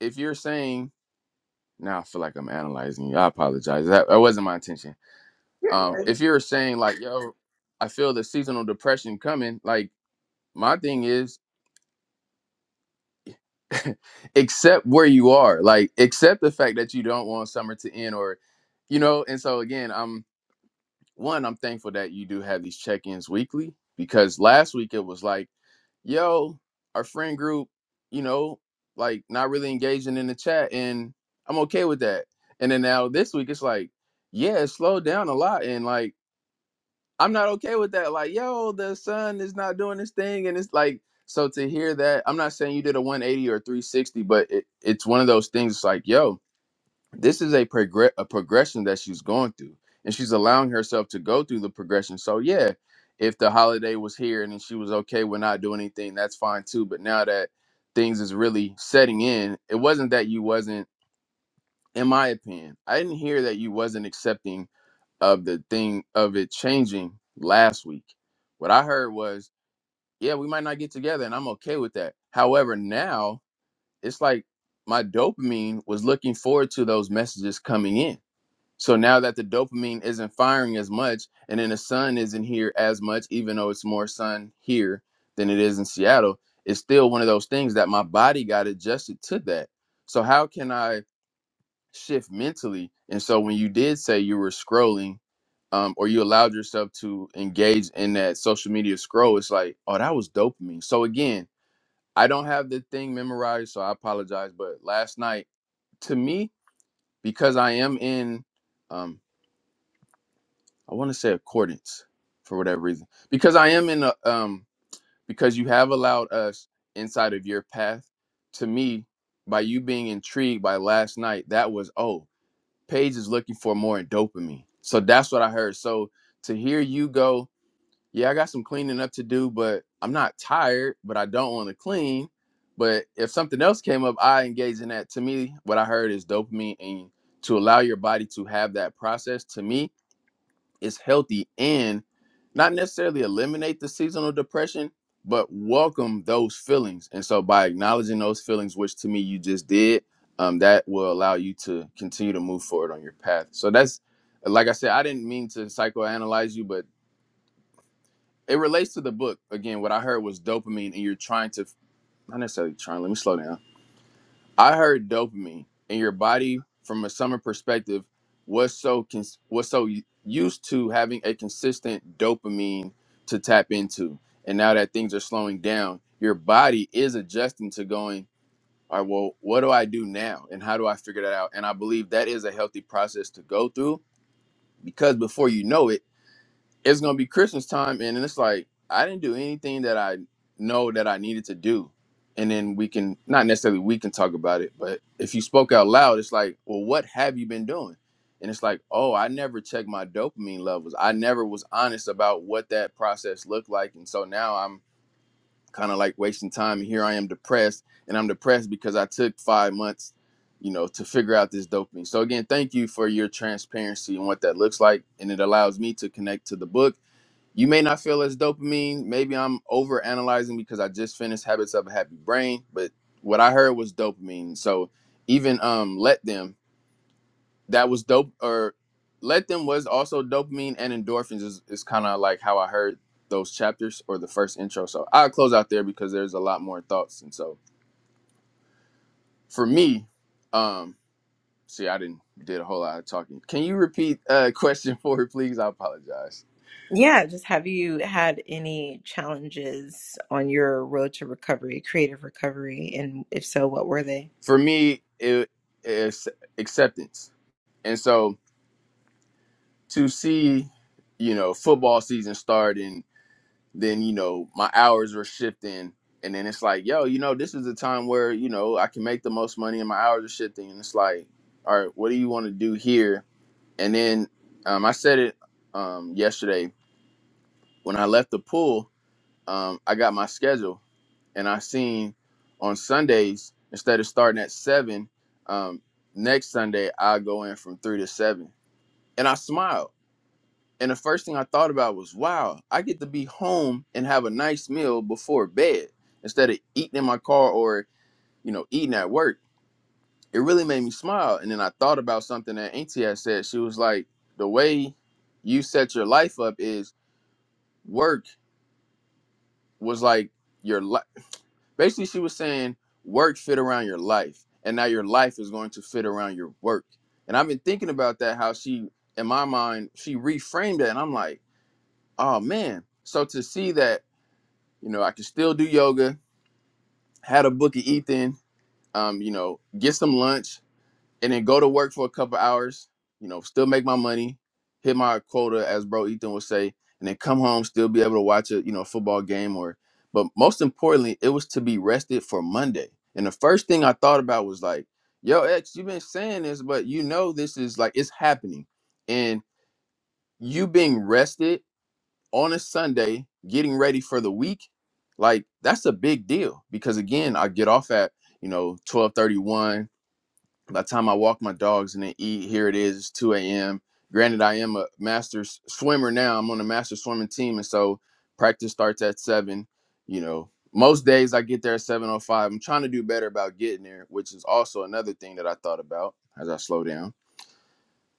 B: if you're saying Now I feel like I'm analyzing you. I apologize. That, that wasn't my intention. Um, if you're saying like, yo, I feel the seasonal depression coming, like my thing is accept where you are. Like accept the fact that you don't want summer to end or you know, and so again, I'm one, I'm thankful that you do have these check ins weekly because last week it was like, yo, our friend group, you know, like not really engaging in the chat, and I'm okay with that. And then now this week it's like, yeah, it slowed down a lot, and like I'm not okay with that. Like, yo, the sun is not doing this thing, and it's like, so to hear that, I'm not saying you did a 180 or 360, but it, it's one of those things. It's like, yo, this is a progress a progression that she's going through and she's allowing herself to go through the progression so yeah if the holiday was here and then she was okay with not doing anything that's fine too but now that things is really setting in it wasn't that you wasn't in my opinion i didn't hear that you wasn't accepting of the thing of it changing last week what i heard was yeah we might not get together and i'm okay with that however now it's like my dopamine was looking forward to those messages coming in so now that the dopamine isn't firing as much, and then the sun isn't here as much, even though it's more sun here than it is in Seattle, it's still one of those things that my body got adjusted to that. So how can I shift mentally? And so when you did say you were scrolling, um, or you allowed yourself to engage in that social media scroll, it's like, oh, that was dopamine. So again, I don't have the thing memorized, so I apologize. But last night, to me, because I am in um, I want to say accordance for whatever reason. Because I am in a um because you have allowed us inside of your path. To me, by you being intrigued by last night, that was oh, Paige is looking for more dopamine. So that's what I heard. So to hear you go, yeah, I got some cleaning up to do, but I'm not tired, but I don't want to clean. But if something else came up, I engage in that. To me, what I heard is dopamine and to allow your body to have that process to me is healthy and not necessarily eliminate the seasonal depression, but welcome those feelings. And so by acknowledging those feelings, which to me you just did, um, that will allow you to continue to move forward on your path. So that's like I said, I didn't mean to psychoanalyze you, but it relates to the book. Again, what I heard was dopamine, and you're trying to not necessarily trying. Let me slow down I heard dopamine in your body from a summer perspective was so cons- was so u- used to having a consistent dopamine to tap into. And now that things are slowing down, your body is adjusting to going, all right, well, what do I do now? And how do I figure that out? And I believe that is a healthy process to go through because before you know it, it's gonna be Christmas time, and and it's like I didn't do anything that I know that I needed to do. And then we can not necessarily we can talk about it, but if you spoke out loud, it's like, well, what have you been doing? And it's like, oh, I never checked my dopamine levels. I never was honest about what that process looked like, and so now I'm kind of like wasting time. And here I am depressed, and I'm depressed because I took five months, you know, to figure out this dopamine. So again, thank you for your transparency and what that looks like, and it allows me to connect to the book you may not feel as dopamine. Maybe I'm over analyzing because I just finished Habits of a Happy Brain, but what I heard was dopamine. So even um Let Them, that was dope or Let Them was also dopamine and endorphins is, is kind of like how I heard those chapters or the first intro. So I'll close out there because there's a lot more thoughts. And so for me, um see I didn't did a whole lot of talking. Can you repeat uh question four, please? I apologize.
A: Yeah, just have you had any challenges on your road to recovery, creative recovery? And if so, what were they?
B: For me, it is acceptance And so to see, you know, football season start and then, you know, my hours are shifting. And then it's like, yo, you know, this is the time where, you know, I can make the most money and my hours are shifting. And it's like, all right, what do you want to do here? And then um, I said it um, yesterday when I left the pool, um, I got my schedule and I seen on Sundays, instead of starting at seven, um, next Sunday, I go in from three to seven. And I smiled And the first thing I thought about was, wow, I get to be home and have a nice meal before bed instead of eating in my car or, you know, eating at work. It really made me smile. And then I thought about something that Auntie had said. She was like, the way you set your life up is work was like your life. Basically, she was saying work fit around your life. And now your life is going to fit around your work. And I've been thinking about that, how she, in my mind, she reframed it, And I'm like, oh man. So to see that You know, I can still do yoga, had a book of Ethan, um, you know, get some lunch and then go to work for a couple hours, you know, still make my money, hit my quota as bro Ethan would say, and then come home, still be able to watch a, you know, football game or but most importantly, it was to be rested for Monday. And the first thing I thought about was like, yo, X, you've been saying this, but you know this is like it's happening. And you being rested on a Sunday, getting ready for the week, like that's a big deal because again, I get off at you know twelve thirty one. By the time I walk my dogs and then eat, here it is, two a.m. Granted, I am a master s- swimmer now. I'm on a master swimming team, and so practice starts at seven. You know, most days I get there at seven o five. I'm trying to do better about getting there, which is also another thing that I thought about as I slow down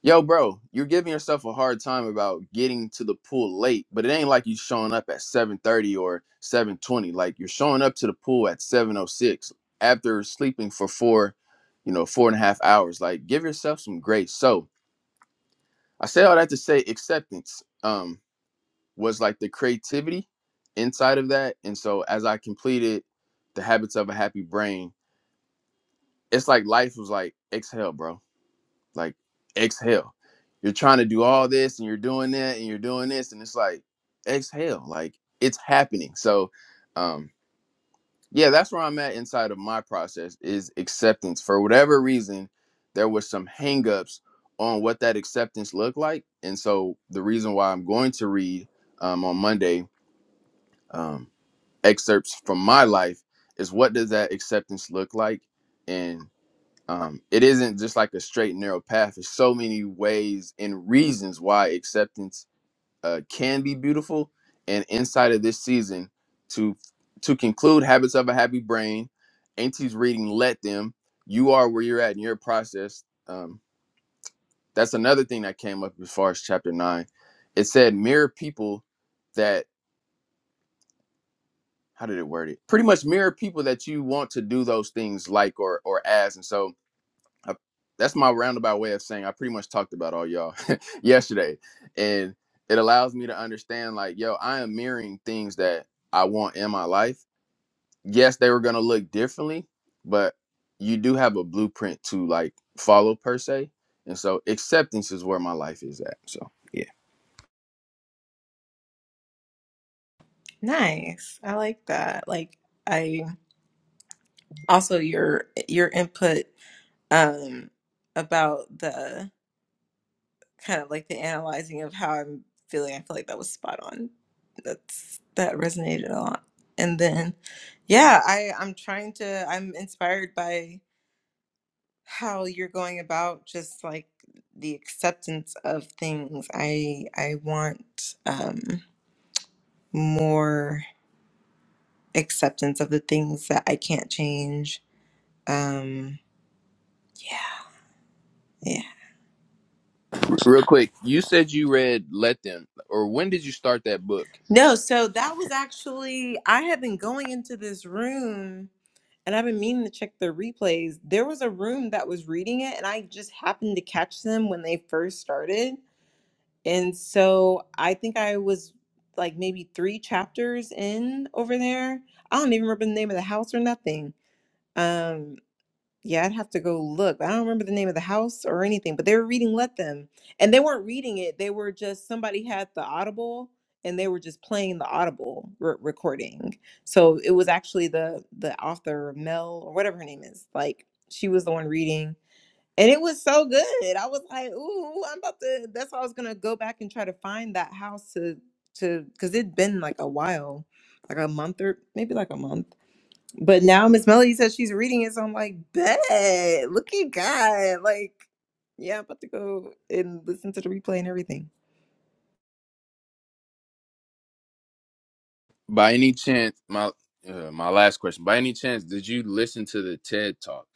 B: Yo, bro, you're giving yourself a hard time about getting to the pool late, but it ain't like you showing up at 7:30 or 7:20. Like you're showing up to the pool at 7:06 after sleeping for four, you know, four and a half hours. Like, give yourself some grace. So I say all that to say acceptance um was like the creativity inside of that. And so as I completed the habits of a happy brain, it's like life was like, exhale, bro Like exhale. You're trying to do all this and you're doing that and you're doing this and it's like exhale. Like it's happening. So um yeah, that's where I'm at inside of my process is acceptance. For whatever reason, there was some hangups on what that acceptance looked like. And so the reason why I'm going to read um, on Monday um, excerpts from my life is what does that acceptance look like? and um, it isn't just like a straight and narrow path. There's so many ways and reasons why acceptance uh, can be beautiful. And inside of this season, to to conclude, habits of a happy brain, Auntie's reading, let them. You are where you're at in your process. Um, that's another thing that came up as far as chapter nine. It said mirror people that how did it word it? Pretty much mirror people that you want to do those things like or or as. And so I, that's my roundabout way of saying I pretty much talked about all y'all yesterday, and it allows me to understand like, yo, I am mirroring things that I want in my life. Yes, they were gonna look differently, but you do have a blueprint to like follow per se, and so acceptance is where my life is at. So yeah,
A: Nice. I like that. Like I also your your input um about the kind of like the analyzing of how I'm feeling. I feel like that was spot on. That's that resonated a lot. And then, yeah, I I'm trying to. I'm inspired by how you're going about just like the acceptance of things. I I want um, more acceptance of the things that I can't change. Um, yeah, yeah.
B: real quick, you said you read Let Them, or when did you start that book?
A: No, so that was actually I had been going into this room and I've been meaning to check their replays. There was a room that was reading it, and I just happened to catch them when they first started. And so I think I was like maybe three chapters in over there. I don't even remember the name of the house or nothing. Um, yeah, I'd have to go look. I don't remember the name of the house or anything, but they were reading Let Them. And they weren't reading it. They were just somebody had the Audible and they were just playing the Audible re- recording. So it was actually the the author Mel or whatever her name is. Like she was the one reading. And it was so good. I was like, "Ooh, I'm about to that's why I was going to go back and try to find that house to to cuz it'd been like a while, like a month or maybe like a month but now Miss Melody says she's reading it, so I'm like, bet. Look at God. Like, yeah, I'm about to go and listen to the replay and everything.
B: By any chance, my uh, my last question. By any chance, did you listen to the TED Talk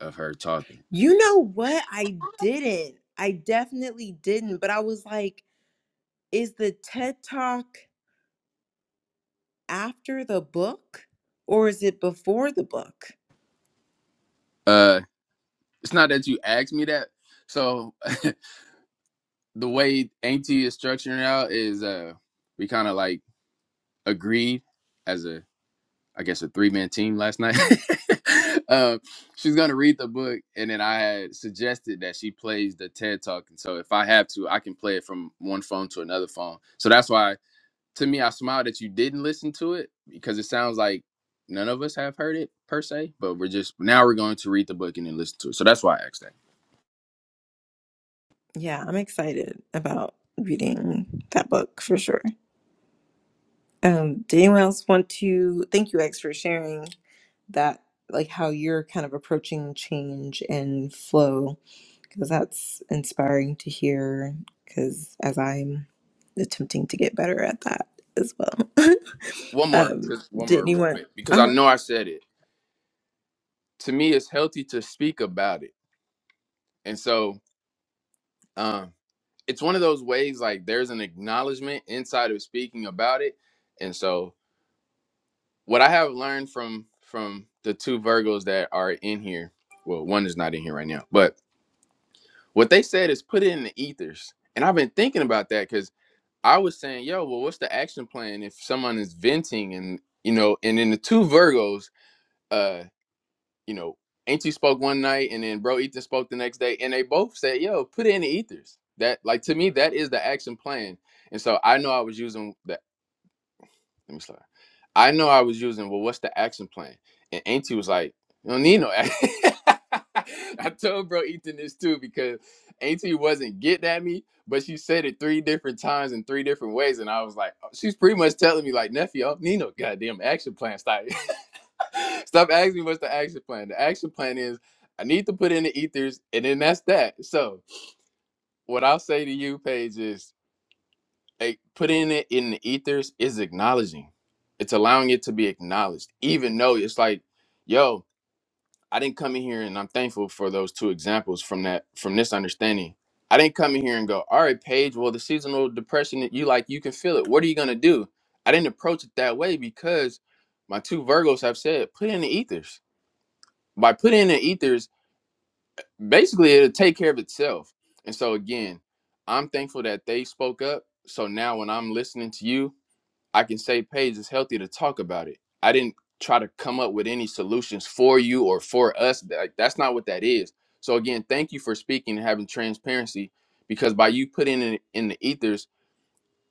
B: of her talking?
A: You know what? I didn't. I definitely didn't. But I was like, is the TED Talk after the book or is it before the book?
B: Uh, it's not that you asked me that. So the way Auntie is structuring it out is uh, we kind of like agreed as a, I guess, a three man team last night. uh, she's gonna read the book, and then I had suggested that she plays the TED Talk. And so if I have to, I can play it from one phone to another phone. So that's why, to me, I smiled that you didn't listen to it because it sounds like none of us have heard it per se. But we're just now we're going to read the book and then listen to it. So that's why I asked that.
A: Yeah, I'm excited about reading that book for sure. Um, did anyone else want to? Thank you, X, for sharing that like how you're kind of approaching change and flow because that's inspiring to hear because as i'm attempting to get better at that as well
B: one more,
A: um
B: cause one
A: did
B: more real
A: anyone
B: quick, because I
A: uh-huh
B: know I said it. To me, it's healthy to speak about it, and so um, it's one of those ways. Like there's an acknowledgement inside of speaking about it, and so what I have learned from from the two Virgos that are in here, well, one is not in here right now, but what they said is put it in the ethers, and I've been thinking about that because I was saying, yo, well, what's the action plan if someone is venting and you know, and then the two Virgos. uh you know, Ainty spoke one night and then Bro Ethan spoke the next day, and they both said, "Yo, put it in the ethers." That like to me, that is the action plan. And so I know I was using the let me start. I know I was using, well, what's the action plan? And Auntie was like, you don't need no action. I told bro Ethan this too because Auntie wasn't getting at me, but she said it three different times in three different ways. And I was like, oh, she's pretty much telling me, like, nephew, I don't need no goddamn action plan. Stop. Stop asking me what's the action plan. The action plan is I need to put in the ethers, and then that's that. So what I'll say to you, Paige, is like putting it in the ethers is acknowledging. It's allowing it to be acknowledged, even though it's like, yo, I didn't come in here and I'm thankful for those two examples from that from this understanding. I didn't come in here and go, all right, Paige, well, the seasonal depression that you like, you can feel it. What are you gonna do? I didn't approach it that way because my two Virgos have said, put it in the ethers. By putting it in the ethers, basically it'll take care of itself. And so again, I'm thankful that they spoke up. So now when I'm listening to you, I can say, Paige, it's healthy to talk about it. I didn't try to come up with any solutions for you or for us. Like that's not what that is. So again, thank you for speaking and having transparency because by you putting it in the ethers,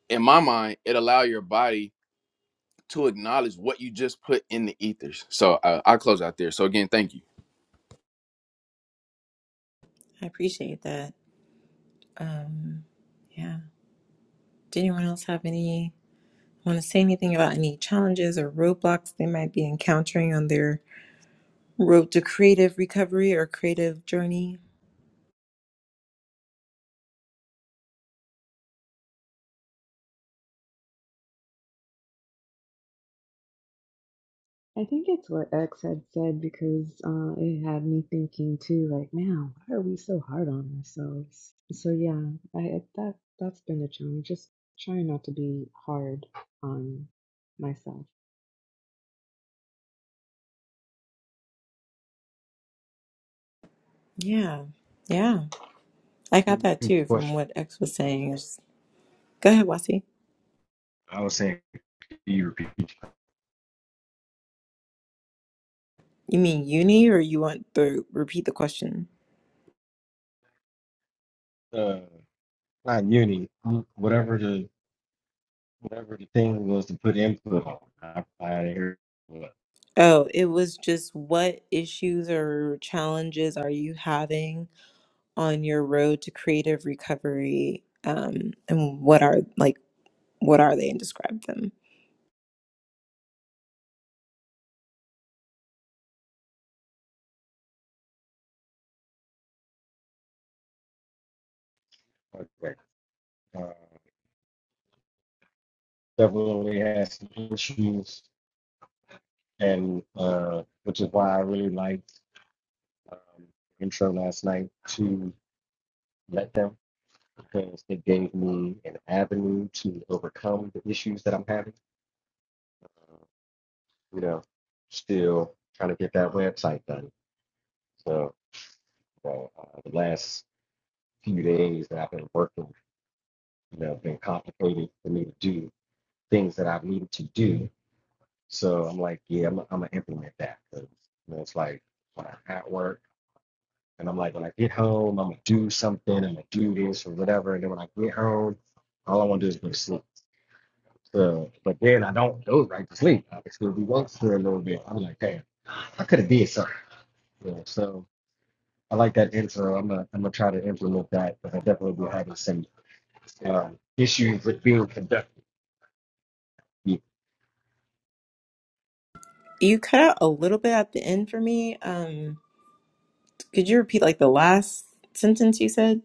B: in my mind, it allow your body to acknowledge what you just put in the ethers. So uh, I'll close out there. So again, thank you.
A: i appreciate that um yeah did anyone else have any want to say anything about any challenges or roadblocks they might be encountering on their road to creative recovery or creative journey
D: I think it's what X had said because uh, it had me thinking too, like, man, why are we so hard on ourselves? So yeah, I I- that that's been a challenge. Just trying not to be hard on myself.
A: yeah yeah I got that
C: Repeat the
A: too from
C: question.
A: what X was saying. Go ahead, Wasi.
C: I was saying can you repeat. the
A: You mean uni or you want to repeat the question?
C: question? Uh, not uni. Whatever the whatever the thing was to put input on. I I didn't hear what.
A: Oh, it was just what issues or challenges are you having on your road to creative recovery? Um, and what are like what are they and describe them?
C: Okay. Uh, definitely had some issues, and uh, which is why I really liked um, the intro last night to let them because it gave me an avenue to overcome the issues that I'm having. Uh, you know, still trying to get that website done. So, so uh, the last few days that I've been working, you know, been complicated for me to do things that I've needed to do. So I'm like, yeah, I'm, I'm gonna implement that because you know, it's like when I'm at work and I'm like, when I get home, I'm gonna do something, I'm gonna do this or whatever, and then when I get home, all I want to do is go to sleep. So, but then I don't go right to sleep. I can still be work for a little bit. I'm like, damn, I could have did something. You know, so I like that intro. I'm gonna I'm gonna try to implement that, but I definitely will have the same um, issues with being conducted Yeah.
A: You cut out a little bit at the end for me. Um, could you repeat like the last sentence you said?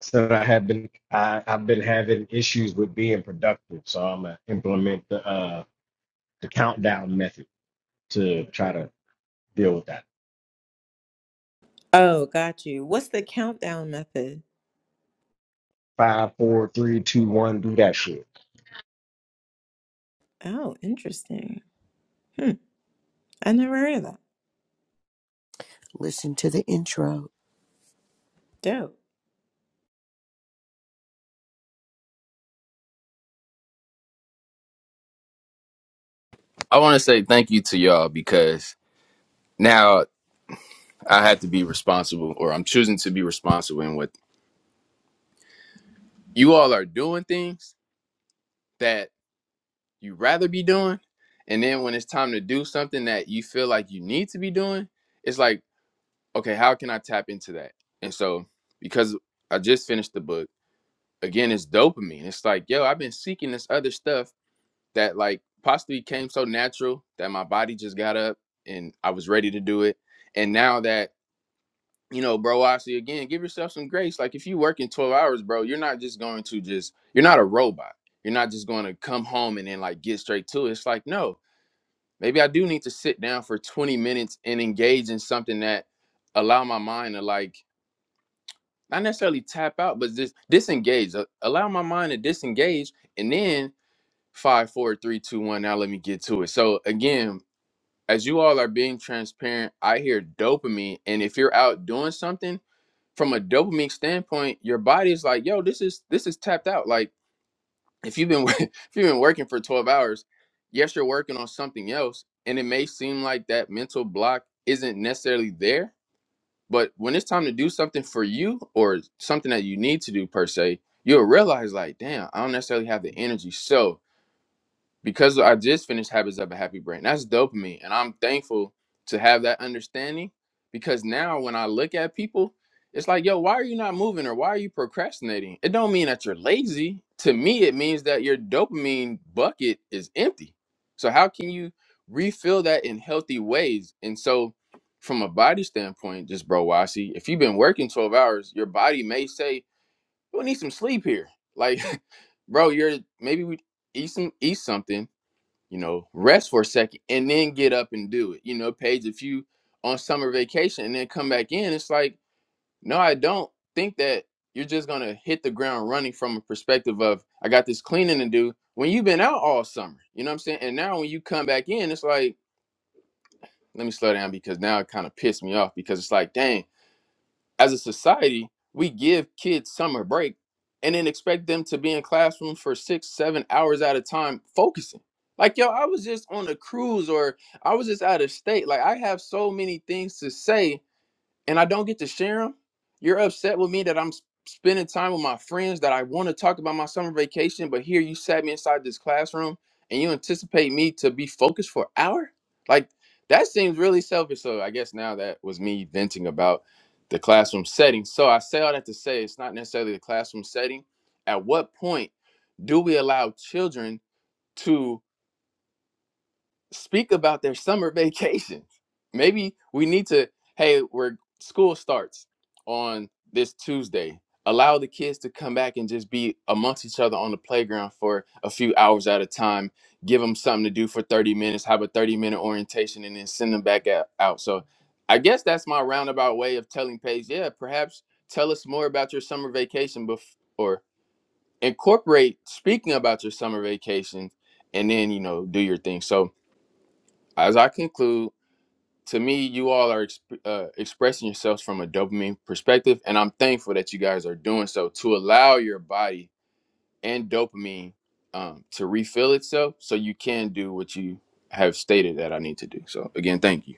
C: So I have been I, I've been having issues with being productive, so I'm gonna implement the uh the countdown method to try to deal with that.
A: Oh, got you. What's the countdown method?
C: Five, four, three, two, one, do that shit.
A: Oh, interesting. Hmm, I never heard of that.
E: Listen to the intro.
A: Dope.
B: I want to say thank you to y'all because now I have to be responsible or I'm choosing to be responsible in what you all are doing things that. you would rather be doing and then when it's time to do something that you feel like you need to be doing it's like okay how can i tap into that and so because i just finished the book again it's dopamine it's like yo i've been seeking this other stuff that like possibly came so natural that my body just got up and i was ready to do it and now that you know bro obviously again give yourself some grace like if you work in 12 hours bro you're not just going to just you're not a robot you're not just going to come home and then like get straight to it it's like no maybe I do need to sit down for 20 minutes and engage in something that allow my mind to like not necessarily tap out, but just disengage. uh, Allow my mind to disengage and then five, four, three, two, one. Now let me get to it. So again, as you all are being transparent, I hear dopamine. And if you're out doing something, from a dopamine standpoint, your body is like, yo, this is this is tapped out. Like if you've been if you've been working for 12 hours yes you're working on something else and it may seem like that mental block isn't necessarily there but when it's time to do something for you or something that you need to do per se you'll realize like damn i don't necessarily have the energy so because I just finished Habits of a Happy Brain. That's dopamine. And I'm thankful to have that understanding because now when I look at people, it's like, yo, why are you not moving or why are you procrastinating? It don't mean that you're lazy. To me, it means that your dopamine bucket is empty. So how can you refill that in healthy ways? And so from a body standpoint, just bro Wasi, if you've been working 12 hours, your body may say, We need some sleep here. Like, bro, you're maybe we eat some eat something you know, rest for a second and then get up and do it. You know, Paige, if you on summer vacation and then come back in, it's like, no, I don't think that you're just gonna hit the ground running from a perspective of I got this cleaning to do when you've been out all summer. You know what I'm saying? And now when you come back in, it's like, let me slow down because now it kind of pissed me off because it's like, dang, as a society, we give kids summer break and then expect them to be in classrooms for six, seven hours at a time focusing. Like, yo, I was just on a cruise or I was just out of state. Like, I have so many things to say and I don't get to share them. You're upset with me that I'm s- spending time with my friends that I want to talk about my summer vacation, but here you sat me inside this classroom and you anticipate me to be focused for an hour? Like that seems really selfish. So I guess now that was me venting about the classroom setting. So I say all that to say it's not necessarily the classroom setting. At what point do we allow children to? speak about their summer vacations. Maybe we need to, hey, where school starts on this Tuesday. Allow the kids to come back and just be amongst each other on the playground for a few hours at a time. Give them something to do for 30 minutes, have a 30 minute orientation, and then send them back out. out. So I guess that's my roundabout way of telling Paige, yeah, perhaps tell us more about your summer vacation bef- or incorporate speaking about your summer vacation and then, you know, do your thing. So, as I conclude, to me, you all are exp- uh, expressing yourselves from a dopamine perspective, and I'm thankful that you guys are doing so to allow your body and dopamine um, to refill itself so you can do what you have stated that I need to do. So, again, thank you.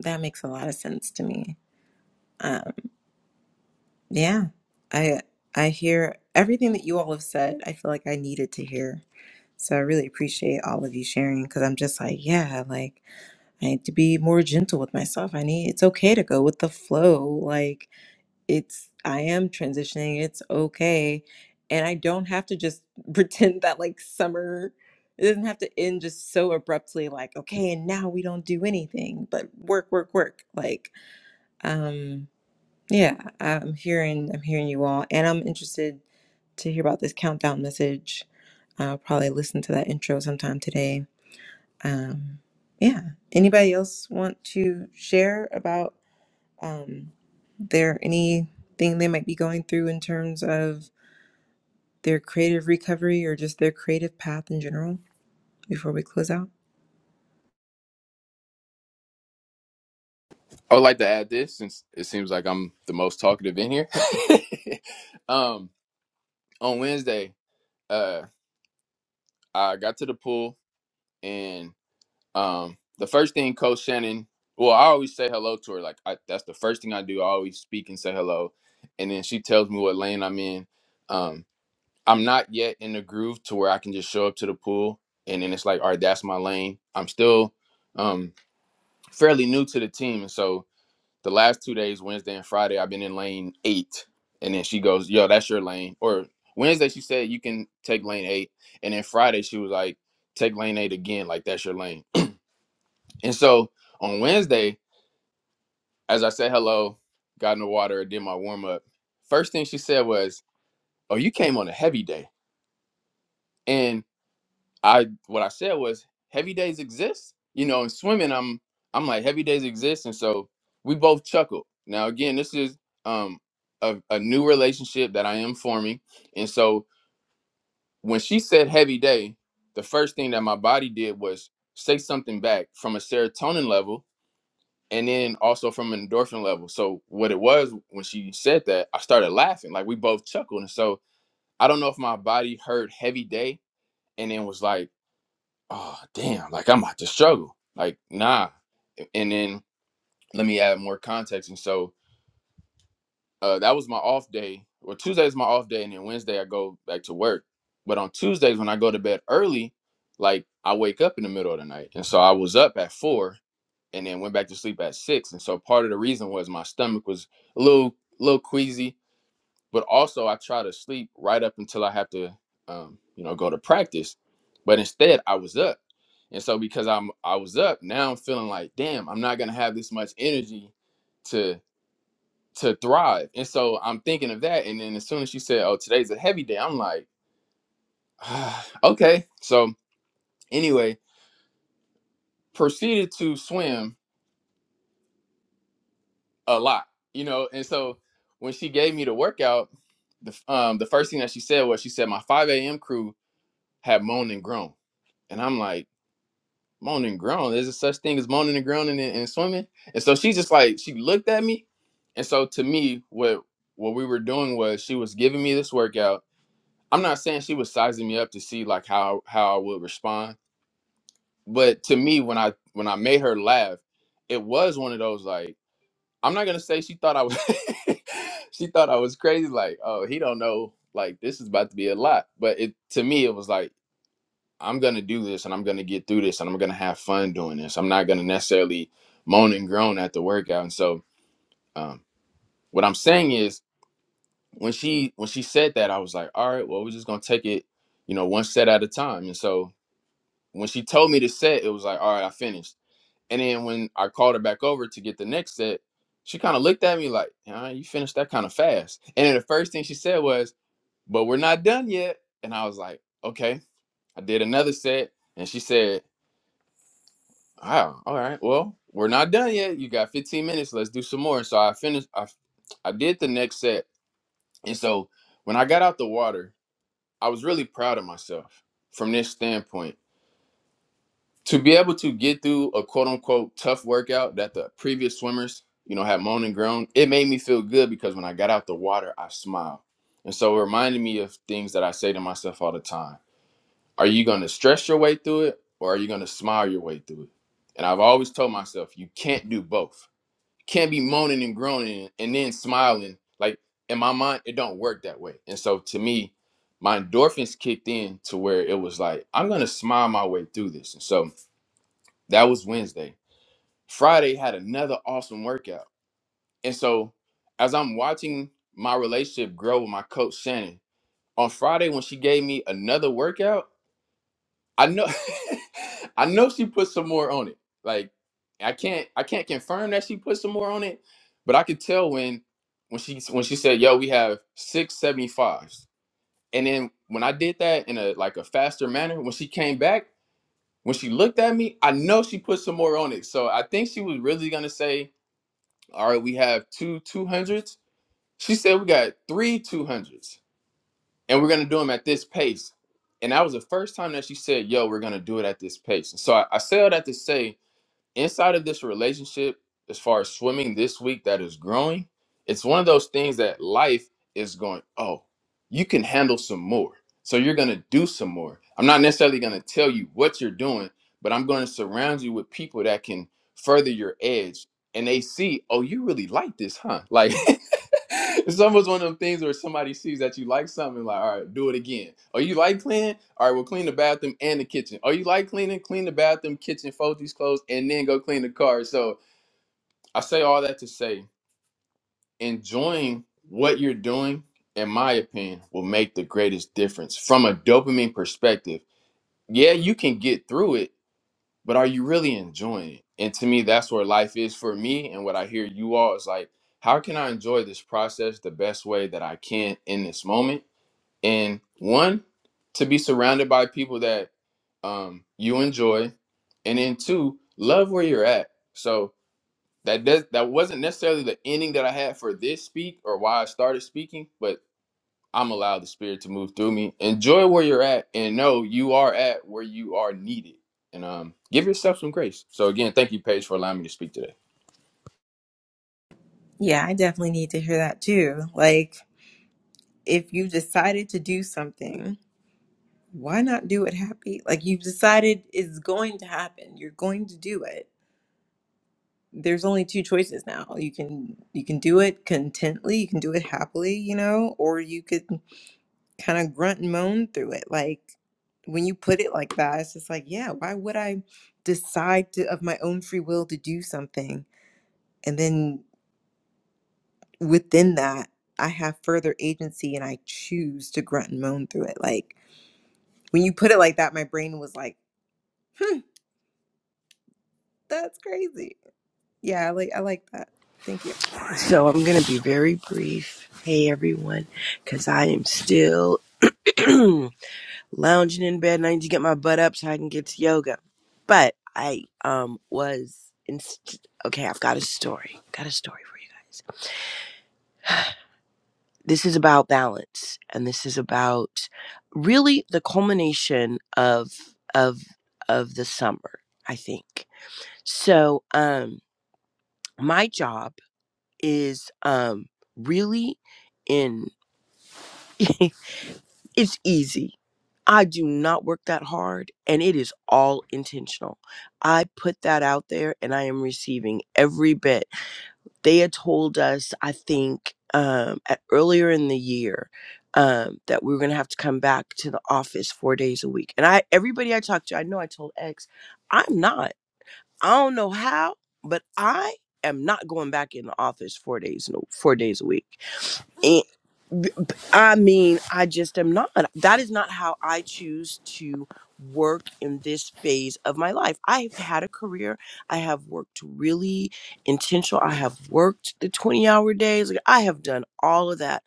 A: That makes a lot of sense to me. Um, yeah, I I hear everything that you all have said. I feel like I needed to hear. So I really appreciate all of you sharing because I'm just like, yeah, like I need to be more gentle with myself. I need it's okay to go with the flow. Like it's I am transitioning. It's okay. And I don't have to just pretend that like summer it doesn't have to end just so abruptly like okay, and now we don't do anything but work work work. Like um yeah, I'm hearing I'm hearing you all and I'm interested to hear about this countdown message. I'll probably listen to that intro sometime today. Um yeah. Anybody else want to share about um, their anything they might be going through in terms of their creative recovery or just their creative path in general before we close out?
B: I would like to add this since it seems like I'm the most talkative in here. um, on Wednesday, uh, I got to the pool, and. Um, the first thing Coach Shannon, well, I always say hello to her. Like I, that's the first thing I do. I always speak and say hello, and then she tells me what lane I'm in. Um, I'm not yet in the groove to where I can just show up to the pool and then it's like, all right, that's my lane. I'm still um, fairly new to the team, and so the last two days, Wednesday and Friday, I've been in lane eight, and then she goes, "Yo, that's your lane." Or Wednesday, she said you can take lane eight, and then Friday, she was like, "Take lane eight again, like that's your lane." And so on Wednesday, as I said hello, got in the water, did my warm up. First thing she said was, "Oh, you came on a heavy day." And I, what I said was, "Heavy days exist." You know, in swimming, I'm, I'm like, heavy days exist, and so we both chuckled. Now, again, this is um a, a new relationship that I am forming, and so when she said heavy day, the first thing that my body did was say something back from a serotonin level and then also from an endorphin level. So what it was when she said that, I started laughing. Like we both chuckled. And so I don't know if my body heard heavy day and then was like, oh damn, like I'm about to struggle. Like, nah. And then let me add more context. And so uh that was my off day. Well, Tuesday is my off day, and then Wednesday I go back to work. But on Tuesdays when I go to bed early, like I wake up in the middle of the night. And so I was up at four and then went back to sleep at six. And so part of the reason was my stomach was a little little queasy, but also I try to sleep right up until I have to um, you know go to practice. But instead I was up. And so because I'm I was up, now I'm feeling like, damn, I'm not gonna have this much energy to to thrive. And so I'm thinking of that. And then as soon as she said, Oh, today's a heavy day, I'm like, okay. So anyway, proceeded to swim a lot, you know. And so when she gave me the workout, the um the first thing that she said was she said my 5 a.m. crew had moaned and groaned, and I'm like moaned and groaned. Is there such thing as moaning and groaning and, and swimming? And so she just like she looked at me, and so to me what what we were doing was she was giving me this workout. I'm not saying she was sizing me up to see like how how I would respond, but to me when I when I made her laugh, it was one of those like. I'm not gonna say she thought I was she thought I was crazy, like, oh, he don't know, like this is about to be a lot. But it to me it was like, I'm gonna do this and I'm gonna get through this and I'm gonna have fun doing this. I'm not gonna necessarily moan and groan at the workout. And so um what I'm saying is when she when she said that, I was like, all right, well, we're just gonna take it, you know, one set at a time. And so when she told me to set, it was like, all right, I finished And then when I called her back over to get the next set, she kind of looked at me like, "Huh, you finished that kind of fast. And then the first thing she said was, but we're not done yet. And I was like, okay. I did another set. And she said, wow, all right, well, we're not done yet. You got 15 minutes. Let's do some more. And so I finished, I, I did the next set. And so when I got out the water, I was really proud of myself from this standpoint to be able to get through a quote unquote tough workout that the previous swimmers, you know, had moaned and groaned, it made me feel good because when I got out the water, I smiled. And so it reminded me of things that I say to myself all the time. Are you going to stress your way through it or are you going to smile your way through it? And I've always told myself, you can't do both. You can't be moaning and groaning and then smiling. Like in my mind, it don't work that way. And so to me, my endorphins kicked in to where it was like, I'm going to smile my way through this. And so that was Wednesday. Friday had another awesome workout. And so as I'm watching my relationship grow with my coach Shannon, on Friday when she gave me another workout, I know I know she put some more on it. Like I can't I can't confirm that she put some more on it, but I could tell when when she when she said, "Yo, we have six seventy fives," And then when I did that in a like a faster manner, when she came back, When she looked at me, I know she put some more on it. So I think she was really gonna say, "All right, we have two two hundreds. She said we got three two hundreds, and we're gonna do them at this pace. And that was the first time that she said, "Yo, we're gonna do it at this pace." So I, I say all that to say inside of this relationship, as far as swimming this week that is growing, it's one of those things that life is going, oh, you can handle some more. So you're going to do some more. I'm not necessarily going to tell you what you're doing, but I'm going to surround you with people that can further your edge. And they see, oh, you really like this, huh? Like, it's almost one of them things where somebody sees that you like something, like, all right, do it again. Oh, you like cleaning? All right, well, clean the bathroom and the kitchen. Oh, you like cleaning? Clean the bathroom, kitchen, fold these clothes, and then go clean the car. So I say all that to say, enjoying what you're doing, in my opinion, will make the greatest difference from a dopamine perspective. Yeah, you can get through it, but are you really enjoying it? And to me, that's where life is for me. And what I hear you all is like, how can I enjoy this process the best way that I can in this moment? And one, to be surrounded by people that um, you enjoy, and then two, love where you're at. So that does that wasn't necessarily the ending that I had for this speak or why I started speaking, but I'm allowed the spirit to move through me. Enjoy where you're at and know you are at where you are needed. And um give yourself some grace. So again, thank you, Paige, for allowing me to speak today.
A: Yeah, I definitely need to hear that too. Like, if you've decided to do something, why not do it happy? Like, you've decided it's going to happen. You're going to do it. There's only two choices now. You can you can do it contently, you can do it happily, you know, or you could kind of grunt and moan through it. Like when you put it like that, it's just like, yeah, why would I decide to, of my own free will to do something? And then within that, I have further agency and I choose to grunt and moan through it. Like when you put it like that, my brain was like, hmm, that's crazy. Yeah, I like I like that. Thank you.
E: So I'm going to be very brief. Hey everyone, because I am still lounging in bed and I need to get my butt up so I can get to yoga. But I um was inst- okay. I've got a story. Got a story for you guys. This is about balance, and this is about really the culmination of of of the summer. I think so. Um, my job. is um really in it's easy. I do not work that hard and it is all intentional. I put that out there and I am receiving every bit. They had told us, I think, um, at earlier in the year, um, that we were gonna have to come back to the office four days a week. And I everybody I talked to, I know I told X, I'm not. I don't know how, but I am not going back in the office four days no four days a week. I mean, I just am not. That is not how I choose to work in this phase of my life. I've had a career. I have worked really intentional. I have worked the 20 hour days. Like, I have done all of that.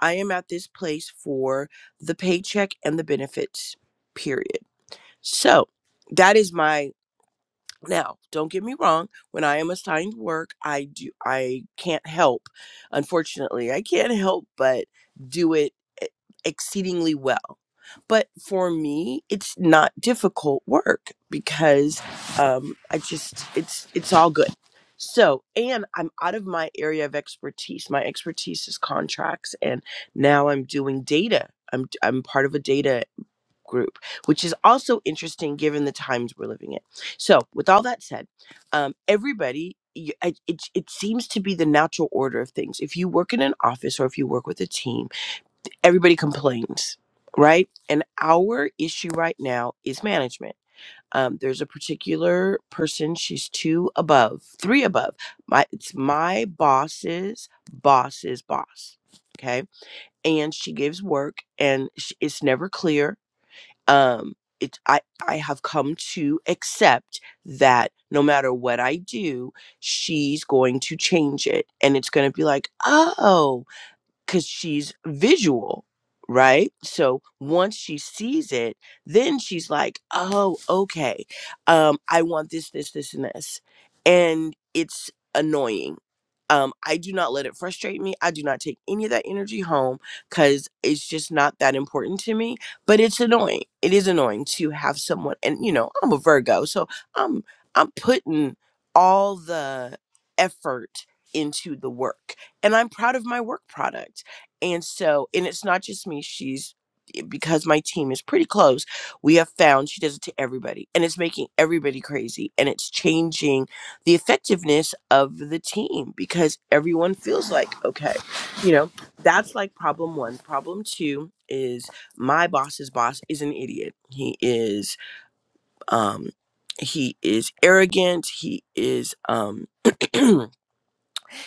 E: I am at this place for the paycheck and the benefits, period. So that is my now, don't get me wrong, when I am assigned work, I do I can't help. Unfortunately, I can't help but do it e- exceedingly well. But for me, it's not difficult work because um I just it's it's all good. So, and I'm out of my area of expertise. My expertise is contracts and now I'm doing data. I'm I'm part of a data group, which is also interesting given the times we're living in. So, with all that said, um, everybody, you, it, it seems to be the natural order of things. If you work in an office or if you work with a team, everybody complains, right? And our issue right now is management. Um, there's a particular person, she's two above, three above. My, it's my boss's boss's boss. Okay. And she gives work and sh- it's never clear um it i i have come to accept that no matter what i do she's going to change it and it's going to be like oh because she's visual, right? So once she sees it, then she's like, oh, okay, um, I want this, this, this, and this. And it's annoying. Um, I do not let it frustrate me. I do not take any of that energy home because it's just not that important to me. But it's annoying. It is annoying to have someone, and you know, I'm a Virgo, so I'm I'm putting all the effort into the work and I'm proud of my work product. And so, and it's not just me, she's eh, because my team is pretty close, we have found she does it to everybody and it's making everybody crazy and it's changing the effectiveness of the team because everyone feels like, okay, you know, that's like problem one. Problem two is my boss's boss is an idiot. He is, um, he is arrogant. He is, um,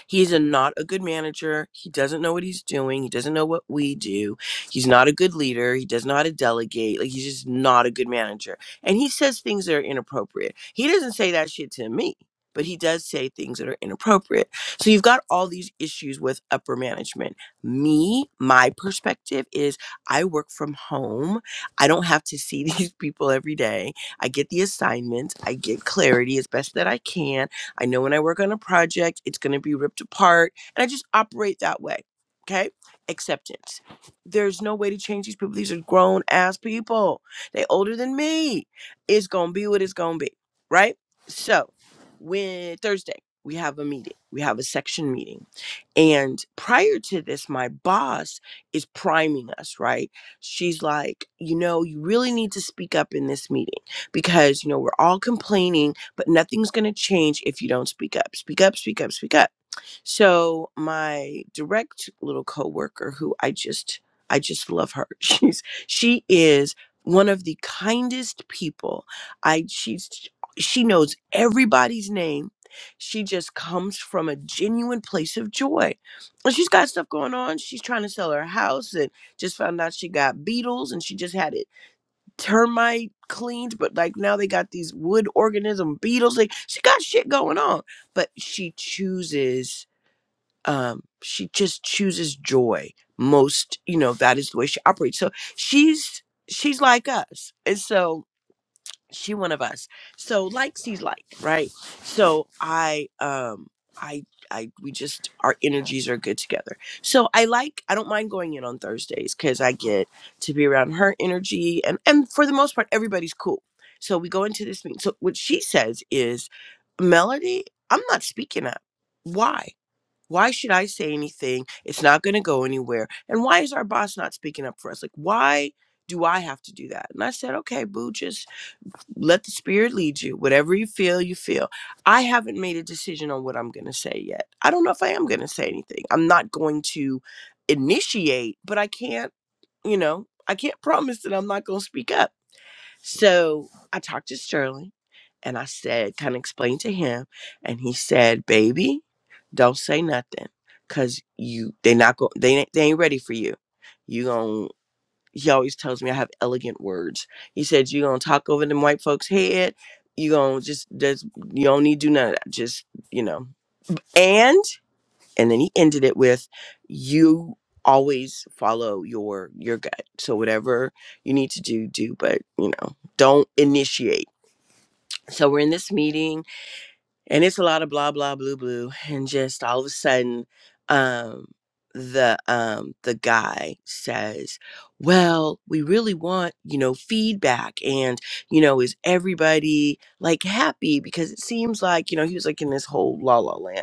E: He's a, not a good manager. He doesn't know what he's doing. He doesn't know what we do. He's not a good leader. He doesn't know how to delegate. Like, he's just not a good manager. And he says things that are inappropriate. He doesn't say that shit to me, but he does say things that are inappropriate. So you've got all these issues with upper management. Me, my perspective is I work from home. I don't have to see these people every day. I get the assignments, I get clarity as best that I can. I know when I work on a project, it's going to be ripped apart. And I just operate that way. Okay. Acceptance. There's no way to change these people. These are grown ass people. They older than me. It's going to be what it's going to be. Right. So when Thursday, we have a meeting, we have a section meeting. And prior to this, my boss is priming us, right? She's like, you know, you really need to speak up in this meeting because, you know, we're all complaining but nothing's going to change if you don't speak up. Speak up, speak up, speak up. So my direct little coworker who I just I just love her. She's she is one of the kindest people. I she's she knows everybody's name. She just comes from a genuine place of joy. And she's got stuff going on. She's trying to sell her house and just found out she got beetles and she just had it termite cleaned, but like now they got these wood organism beetles. Like she got shit going on, but she chooses. Um, she just chooses joy most. You know that is the way she operates. So she's she's like us, and so she one of us so like sees like right so i um i i we just our energies are good together so i like i don't mind going in on thursdays because i get to be around her energy and and for the most part everybody's cool so we go into this meeting so what she says is melody i'm not speaking up why why should i say anything it's not going to go anywhere and why is our boss not speaking up for us like why do i have to do that and i said okay boo just let the spirit lead you whatever you feel you feel i haven't made a decision on what i'm going to say yet i don't know if i am going to say anything i'm not going to initiate but i can't you know i can't promise that i'm not going to speak up so i talked to sterling and i said kind of explained to him and he said baby don't say nothing because you they not go. they, ain't- they ain't ready for you You gon' he always tells me I have elegant words. He said, You're gonna talk over them white folks' head. you gonna just that's you don't need to do none of that. Just, you know. And and then he ended it with you always follow your your gut. So whatever you need to do, do, but you know, don't initiate. So we're in this meeting and it's a lot of blah blah blue blue and just all of a sudden um the um the guy says well we really want you know feedback and you know is everybody like happy because it seems like you know he was like in this whole la la land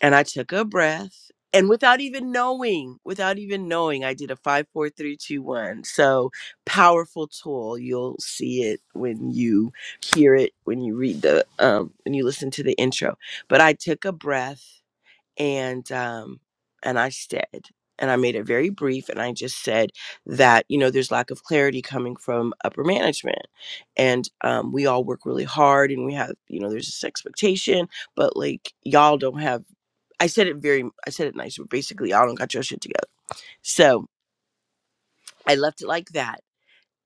E: and I took a breath. And without even knowing, without even knowing, I did a five, four, three, two, one. So powerful tool. You'll see it when you hear it, when you read the, um, when you listen to the intro. But I took a breath and, um, and I said, and I made it very brief. And I just said that, you know, there's lack of clarity coming from upper management. And um, we all work really hard and we have, you know, there's this expectation but like y'all don't have I said it very, I said it nice, but basically, y'all don't got your shit together. So I left it like that.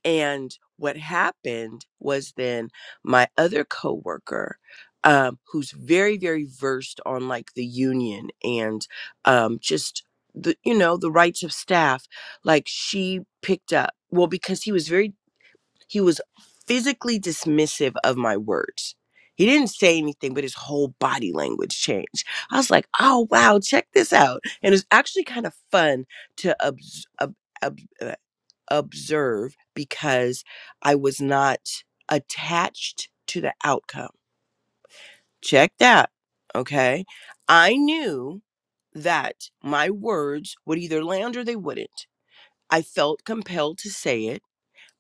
E: And what happened was then my other coworker, um, who's very, very versed on like the union and um, just the, you know, the rights of staff, like she picked up. Well, because he was very he was physically dismissive of my words. He didn't say anything, but his whole body language changed. I was like, oh, wow, check this out. And it was actually kind of fun to obs- ob- ob- uh, observe because I was not attached to the outcome. Check that. Okay. I knew that my words would either land or they wouldn't. I felt compelled to say it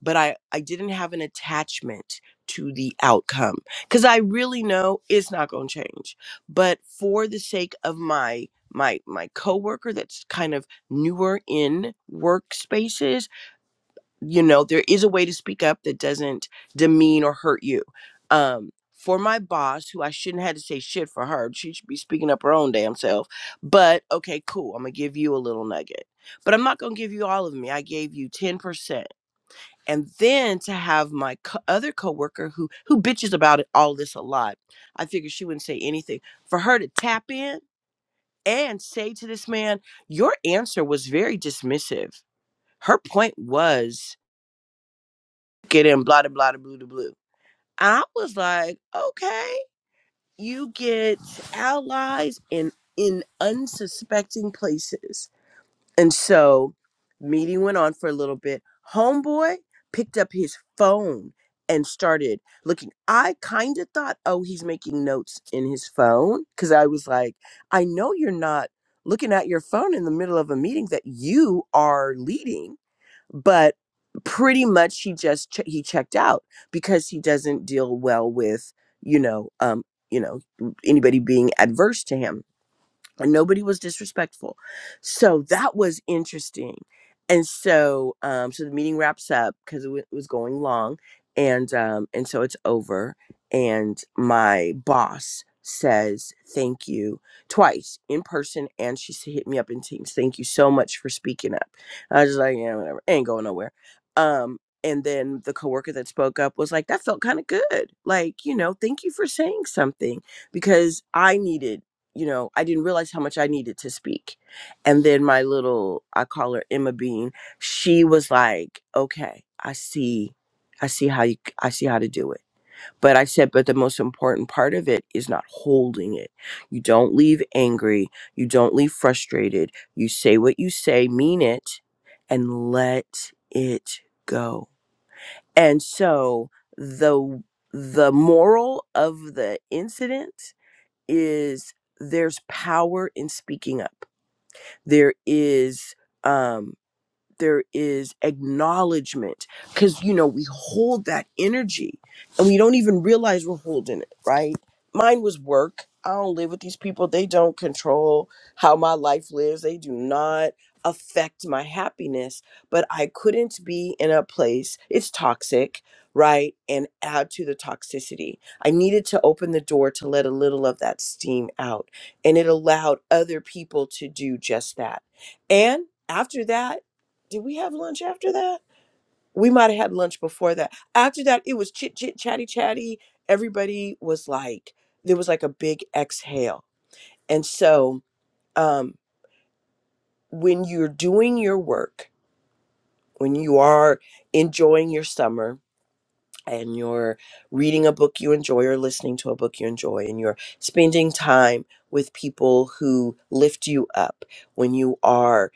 E: but I I didn't have an attachment to the outcome cuz I really know it's not going to change. But for the sake of my my my coworker that's kind of newer in workspaces, you know, there is a way to speak up that doesn't demean or hurt you. Um for my boss, who I shouldn't have to say shit for her, she should be speaking up her own damn self. But okay, cool. I'm gonna give you a little nugget, but I'm not gonna give you all of me. I gave you 10% and then to have my co- other coworker who who bitches about it, all this a lot i figured she wouldn't say anything for her to tap in and say to this man your answer was very dismissive her point was get in blah blah blah da blue to blue i was like okay you get allies in in unsuspecting places And so meeting went on for a little bit. Homeboy picked up his phone and started looking. I kind of thought, oh, he's making notes in his phone. Cause I was like, I know you're not looking at your phone in the middle of a meeting that you are leading, but pretty much he just che- he checked out because he doesn't deal well with you know um you know anybody being adverse to him and nobody was disrespectful so that was interesting and so um so the meeting wraps up because it, w- it was going long and um and so it's over and my boss says thank you twice in person and she s- hit me up in teams thank you so much for speaking up i was just like yeah whatever ain't going nowhere um and then the coworker that spoke up was like that felt kind of good like you know thank you for saying something because i needed you know, I didn't realize how much I needed to speak. And then my little, I call her Emma Bean, she was like, okay, I see, I see how you, I see how to do it. But I said, but the most important part of it is not holding it. You don't leave angry. You don't leave frustrated. You say what you say, mean it, and let it go. And so the, the moral of the incident is there's power in speaking up. There is um there is acknowledgement because you know we hold that energy and we don't even realize we're holding it right mine was work i don't live with these people they don't control how my life lives they do not affect my happiness but i couldn't be in a place it's toxic right and add to the toxicity i needed to open the door to let a little of that steam out and it allowed other people to do just that and after that did we have lunch after that? We might have had lunch before that. After that, it was chit chit chatty chatty. Everybody was like, there was like a big exhale. And so, um, when you're doing your work, when you are enjoying your summer and you're reading a book you enjoy or listening to a book you enjoy and you're spending time with people who lift you up, when you are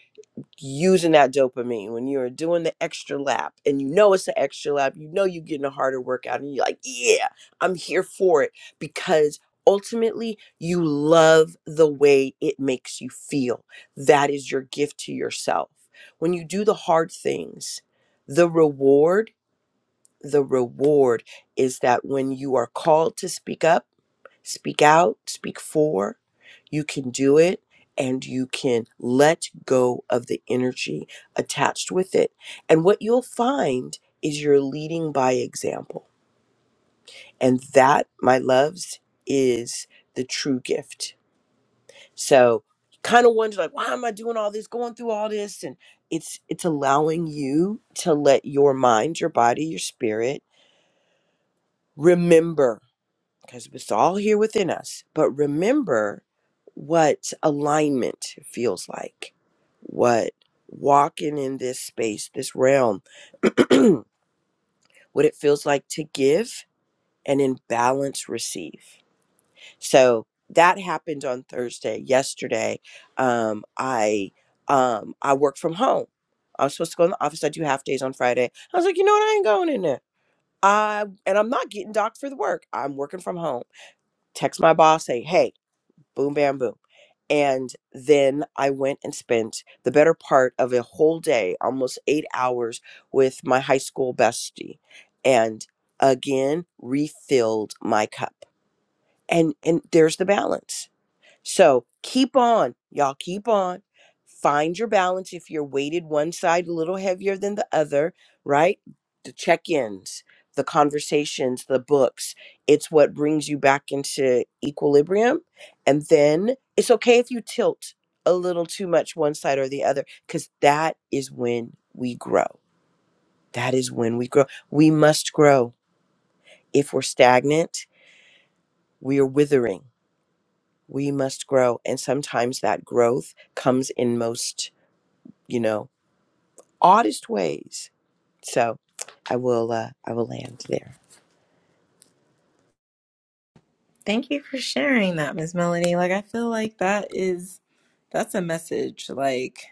E: using that dopamine when you're doing the extra lap and you know it's an extra lap, you know you're getting a harder workout and you're like, yeah, I'm here for it because ultimately you love the way it makes you feel. That is your gift to yourself. When you do the hard things, the reward, the reward is that when you are called to speak up, Speak out, speak for. You can do it and you can let go of the energy attached with it. And what you'll find is you're leading by example. And that, my loves, is the true gift. So kind of wonder like why am I doing all this, going through all this? And it's it's allowing you to let your mind, your body, your spirit remember because it's all here within us. But remember what alignment feels like, what walking in this space, this realm, what it feels like to give and in balance receive. So that happened on Thursday. Yesterday, um, I um, I work from home. I was supposed to go in the office. I do half days on Friday. I was like, you know what? I ain't going in there. I and I'm not getting docked for the work. I'm working from home text my boss, say, hey, boom, bam, boom. And then I went and spent the better part of a whole day, almost eight hours, with my high school bestie and again refilled my cup. And and there's the balance. So keep on, y'all, keep on. Find your balance if you're weighted one side a little heavier than the other, right? The check ins, the conversations, the books. It's what brings you back into equilibrium. And then it's okay if you tilt a little too much one side or the other, because that is when we grow. That is when we grow. We must grow. If we're stagnant, we are withering we must grow and sometimes that growth comes in most you know oddest ways so i will uh, i will land there
A: Thank you for sharing that, Ms. Melanie. Like I feel like that is that's a message like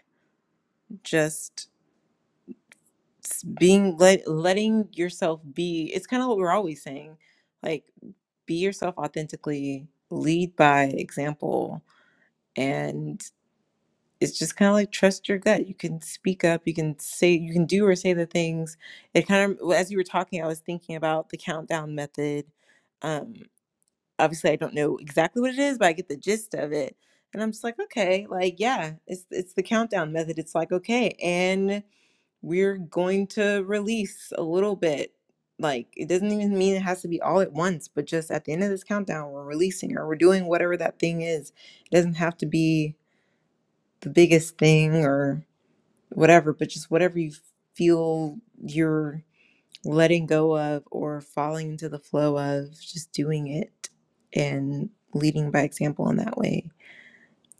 A: just s- being let letting yourself be it's kind of what we're always saying like be yourself authentically lead by example and it's just kind of like trust your gut you can speak up you can say you can do or say the things it kind of as you were talking i was thinking about the countdown method um obviously i don't know exactly what it is but i get the gist of it and i'm just like okay like yeah it's it's the countdown method it's like okay we're going to release a little bit. Like it doesn't even mean it has to be all at once, but just at the end of this countdown, we're releasing or we're doing whatever that thing is. It doesn't have to be the biggest thing or whatever, but just whatever you feel you're letting go of or falling into the flow of, just doing it and leading by example in that way.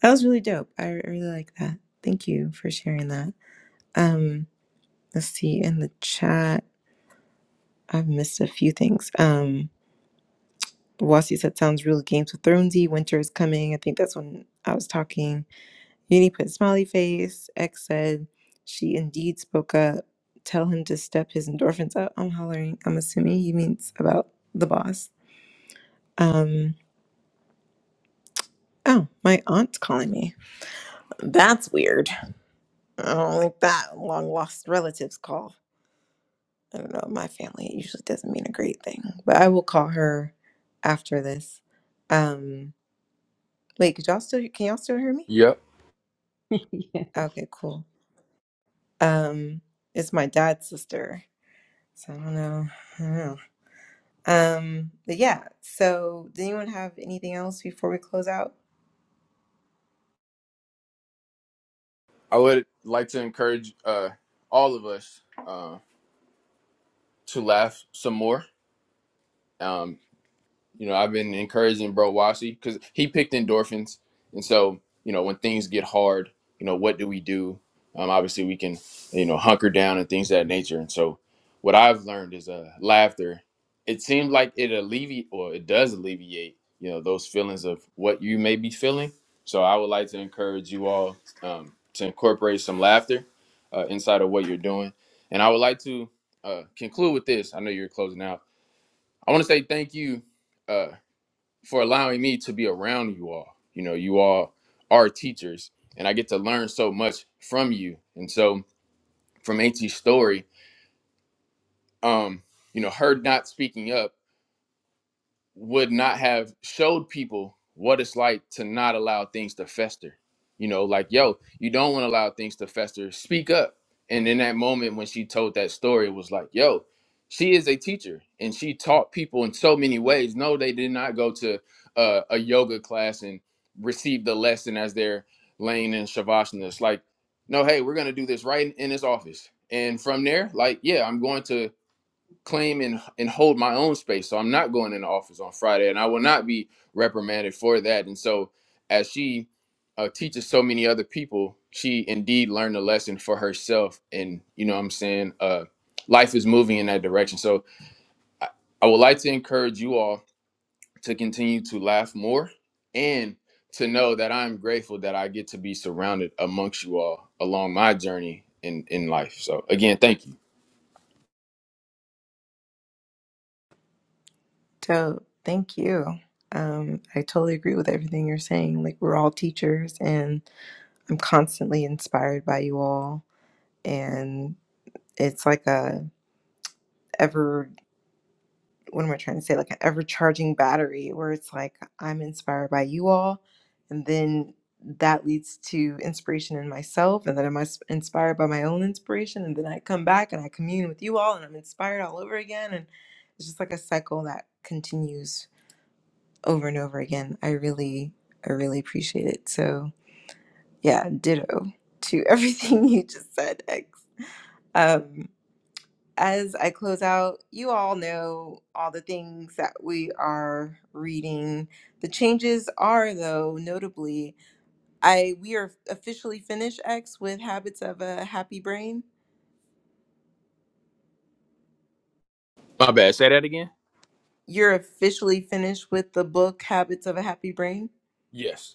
A: That was really dope. I I really like that. Thank you for sharing that. Um, let's see in the chat. I've missed a few things. Um, Wasi said sounds real Games of Thronesy. Winter is coming. I think that's when I was talking. Uni put smiley face. X said she indeed spoke up. Tell him to step his endorphins up. I'm hollering. I'm assuming he means about the boss. Um. Oh, my aunt's calling me. That's weird. I don't like that long lost relatives call. I don't know. My family it usually doesn't mean a great thing, but I will call her after this. Um. Wait, could y'all still can y'all still hear me?
B: Yep.
D: Yeah.
A: Okay, cool. Um, it's my dad's sister, so I don't know. I don't know. Um, but yeah. So, does anyone have anything else before we close out?
B: I would like to encourage uh all of us uh to laugh some more. Um You know, I've been encouraging Bro Washi because he picked endorphins, and so you know when things get hard, you know what do we do? Um, obviously, we can you know hunker down and things of that nature. And so what I've learned is uh, laughter. It seems like it alleviate or it does alleviate you know those feelings of what you may be feeling. So I would like to encourage you all um, to incorporate some laughter uh, inside of what you're doing, and I would like to uh, conclude with this. I know you're closing out. I want to say thank you Uh, for allowing me to be around you all. You know, you all are teachers, and I get to learn so much from you. And so, from AT's story, um, you know, her not speaking up. would not have showed people what it's like to not allow things to fester. You know, like, yo, you don't want to allow things to fester. Speak up. And in that moment when she told that story, it was like, yo, she is a teacher and she taught people in so many ways. No, they did not go to uh, a yoga class and receive the lesson as they're laying in Shavasana. It's like, no, hey, we're going to do this right in this office. And from there, like, yeah, I'm going to claim and, and hold my own space. So I'm not going in the office on Friday and I will not be reprimanded for that. And so, as she uh, teaches so many other people, she indeed learned a lesson for herself. And, you know what I'm saying? Uh, life is moving in that direction. So, I, I would like to encourage you all to continue to laugh more and to know that I'm grateful that I get to be surrounded amongst you all along my journey in, in life. So, again, thank you.
A: So, thank you. Um, I totally agree with everything you're saying. Like, we're all teachers, and I'm constantly inspired by you all, and it's like a ever what am I trying to say? Like an ever charging battery where it's like I'm inspired by you all. And then that leads to inspiration in myself. And then I'm ins- inspired by my own inspiration. And then I come back and I commune with you all and I'm inspired all over again. And it's just like a cycle that continues over and over again. I really, I really appreciate it. So yeah, ditto to everything you just said, X. Um, as I close out, you all know all the things that we are reading. The changes are, though, notably, I we are officially finished X with Habits of a Happy Brain.
B: My bad. Say that again.
A: You're officially finished with the book Habits of a Happy Brain.
B: Yes.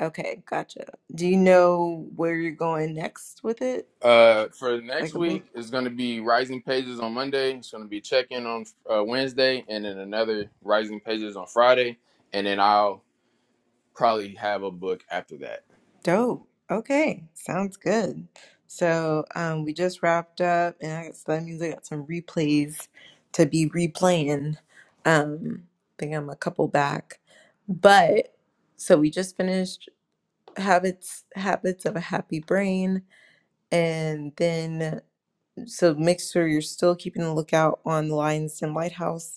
A: Okay, gotcha. Do you know where you're going next with it?
B: Uh, for next
A: Like a book?
B: week is going to be Rising Pages on Monday. It's going to be check in on uh, Wednesday, and then another Rising Pages on Friday, and then I'll probably have a book after that.
A: Dope. Okay, sounds good. So um, we just wrapped up, and I, so that means I got some replays to be replaying. Um, I think I'm a couple back, but so we just finished habits habits of a happy brain, and then so make sure you're still keeping a lookout on the Lionsden Lighthouse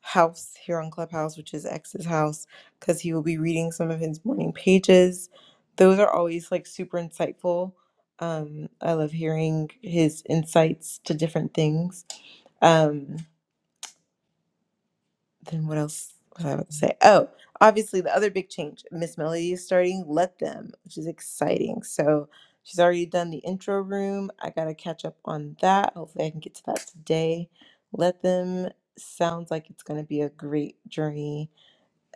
A: house here on Clubhouse, which is X's house, because he will be reading some of his morning pages. Those are always like super insightful. Um, I love hearing his insights to different things. Um, then what else was I about to say? Oh, obviously the other big change, Miss Melody is starting Let Them, which is exciting. So she's already done the intro room. I gotta catch up on that. Hopefully I can get to that today. Let Them sounds like it's gonna be a great journey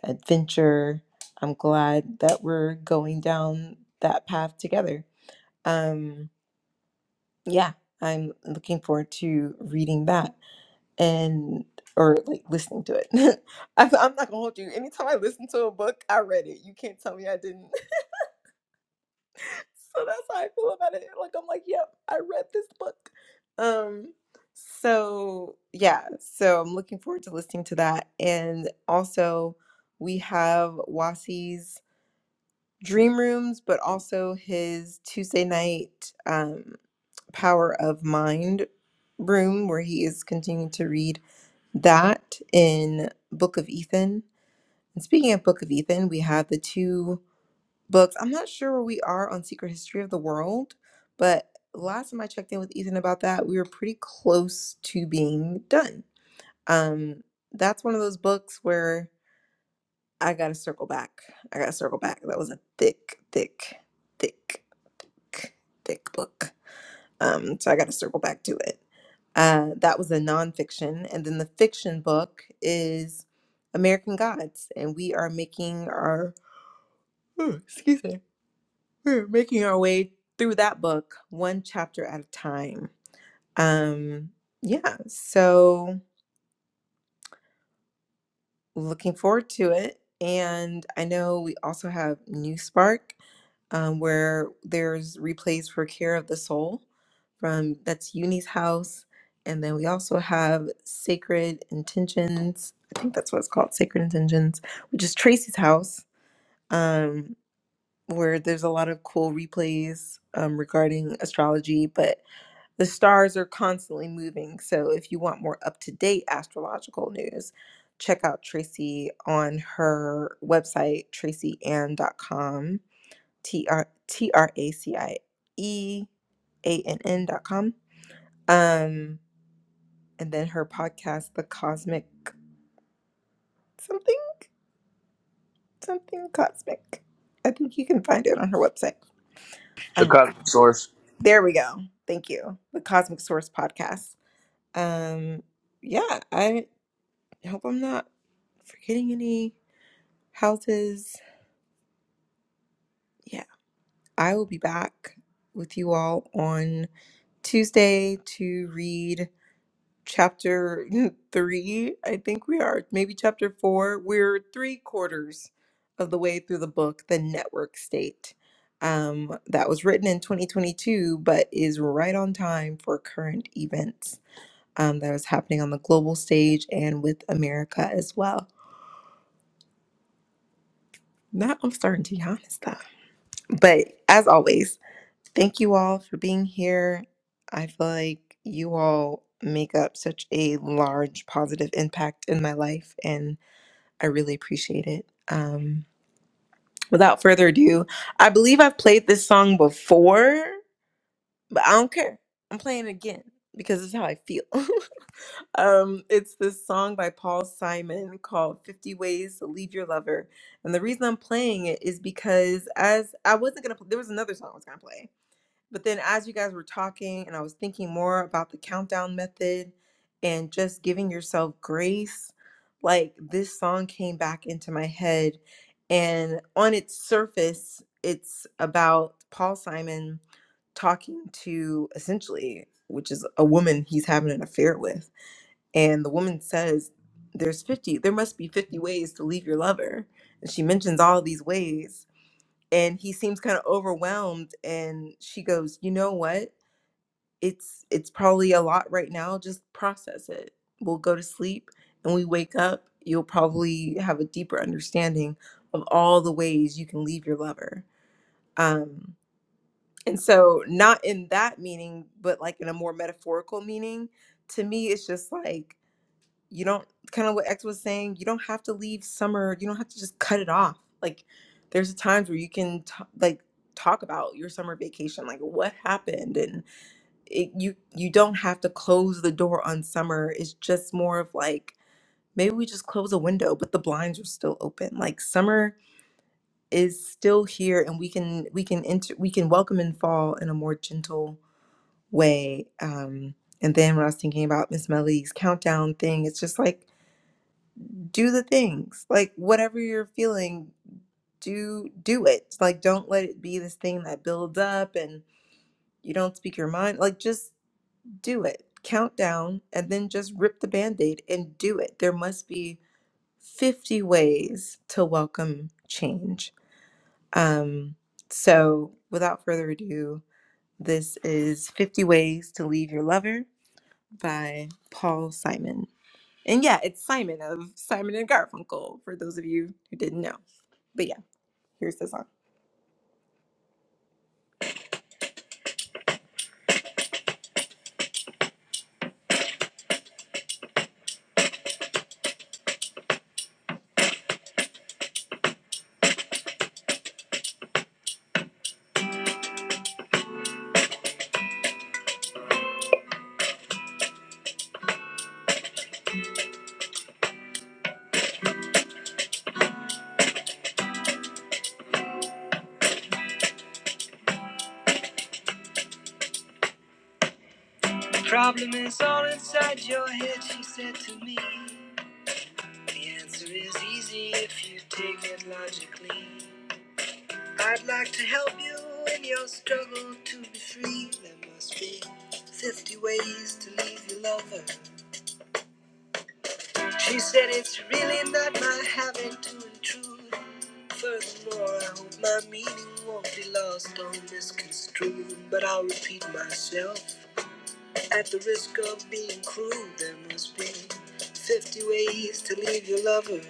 A: adventure. I'm glad that we're going down that path together. Um, yeah, I'm looking forward to reading that and or like listening to it. I, I'm not gonna hold you. Anytime I listen to a book, I read it. You can't tell me I didn't. so that's how I feel about it. Like I'm like, yep, I read this book. Um, so yeah, so I'm looking forward to listening to that. And also, we have Wasi's dream rooms, but also his Tuesday night um, Power of Mind room, where he is continuing to read that in Book of Ethan. And speaking of Book of Ethan, we have the two books. I'm not sure where we are on Secret History of the World, but last time I checked in with Ethan about that, we were pretty close to being done. Um, that's one of those books where I gotta circle back. I gotta circle back. That was a thick, thick, thick thick book. Um, so I got to circle back to it. Uh, that was a nonfiction. And then the fiction book is American Gods. And we are making our, oh, excuse me, we're making our way through that book one chapter at a time. Um, yeah, so looking forward to it. And I know we also have New Spark um, where there's replays for care of the soul from that's Uni's house. And then we also have Sacred Intentions. I think that's what it's called, Sacred Intentions, which is Tracy's house, um, where there's a lot of cool replays um, regarding astrology. But the stars are constantly moving. So if you want more up to date astrological news, check out Tracy on her website, tracyann.com T R T R A C I E A N N dot com. Um, and then her podcast, The Cosmic Something, Something Cosmic. I think you can find it on her website.
B: The
A: Uh,
B: cosmic source.
A: there we go. Thank you. The Cosmic Source Podcast. Um, yeah, I hope I'm not forgetting any houses. Yeah, I will be back with you all on Tuesday to read chapter three, I think we are, maybe chapter four. We're three quarters of the way through the book, The Network State, um, that was written in 2022, but is right on time for current events um, that is happening on the global stage and with America as well. Now I'm starting to yawn and stuff. But as always, thank you all for being here. I feel like you all make up such a large positive impact in my life, and I really appreciate it. Um, without further ado, I believe I've played this song before, but I don't care. I'm playing it again because it's how I feel. um, it's this song by Paul Simon called 50 Ways to Leave Your Lover. And the reason I'm playing it is because as I wasn't going to, there was another song I was going to play but then as you guys were talking and I was thinking more about the countdown method and just giving yourself grace, like this song came back into my head. And on its surface, it's about Paul Simon talking to essentially, which is a woman he's having an affair with. And the woman says, There's 50, there must be 50 ways to leave your lover. And she mentions all these ways and he seems kind of overwhelmed and she goes you know what it's it's probably a lot right now just process it we'll go to sleep and we wake up you'll probably have a deeper understanding of all the ways you can leave your lover um and so not in that meaning but like in a more metaphorical meaning to me it's just like you don't kind of what X was saying, you don't have to leave summer, you don't have to just cut it off. Like there's times where you can t- like talk about your summer vacation, like what happened and it, you you don't have to close the door on summer. It's just more of like maybe we just close a window but the blinds are still open. Like summer is still here and we can we can enter we can welcome in fall in a more gentle way. Um and then when I was thinking about Miss Melly's countdown thing, it's just like do the things like whatever you're feeling do do it like don't let it be this thing that builds up and you don't speak your mind like just do it count down and then just rip the band-aid and do it there must be 50 ways to welcome change um so without further ado this is 50 ways to leave your lover by paul simon and yeah it's simon of simon and garfunkel for those of you who didn't know But yeah, here's the song. The problem is all inside your head, she said to me. The answer is easy if you take it logically. I'd like to help you in your struggle to be free. There must be 50 ways to leave your lover. She said it's really not my having to intrude. Furthermore, I hope my meaning won't be lost or misconstrued. But I'll repeat myself. At the risk of being crude, there must be 50 ways to leave your lover.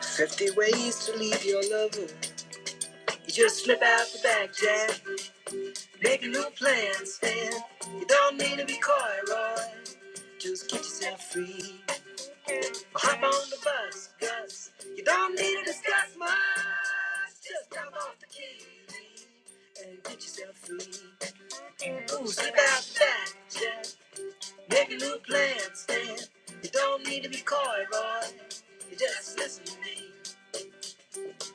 A: 50 ways to leave your lover. You just slip out the back, Jack. Make a new plan, Stan. You don't need to be coy, Roy. Just get yourself free. Or hop on the bus, Gus. You don't need to discuss much. Just drop off the key and get yourself free. Ooh, slip out the back, Jack. Make a new plan, Stan. You don't need to be coy, boy. You just listen to me.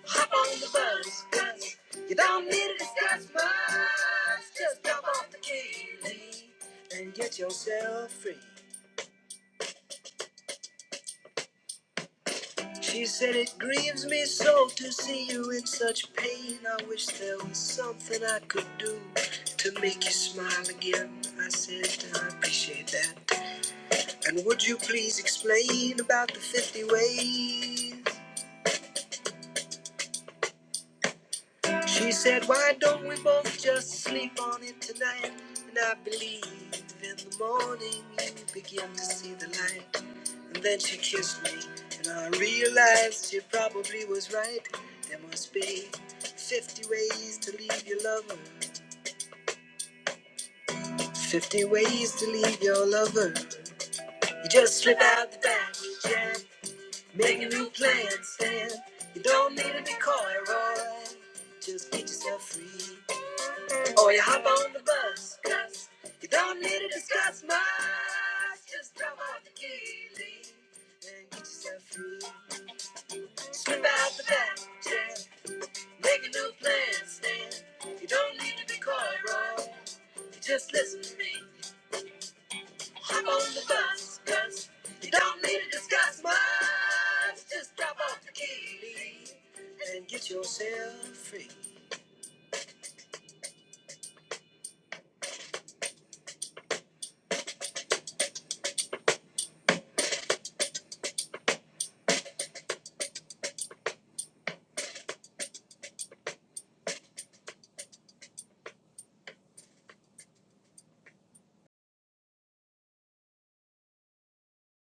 A: Hop on the bus, cuz you don't need to discuss much. Just jump off the Kaylee and get yourself free. She said, It grieves me so to see you in such pain. I wish there was something I could do to make you smile again. I said, I appreciate that. And would you please explain about the 50 ways? She said, Why don't we both just sleep on it tonight? And I believe in the morning you begin to see the light. And then she kissed me, and I realized she probably was right. There must be 50 ways to leave your lover, 50 ways to leave your lover. You just slip out the back, and make a new plan, stand. You don't need to be coy, Roy. Just get yourself free. Oh, you hop on the bus, cuz you don't need to discuss much. Just drop off the key, leave, and get yourself free. Slip out the back, chair, make a new plan, stand. You don't need to be coy, bro. You just listen to me. Hop on the bus, cuz you don't need to discuss much. Just drop off the key, leave, and get yourself free.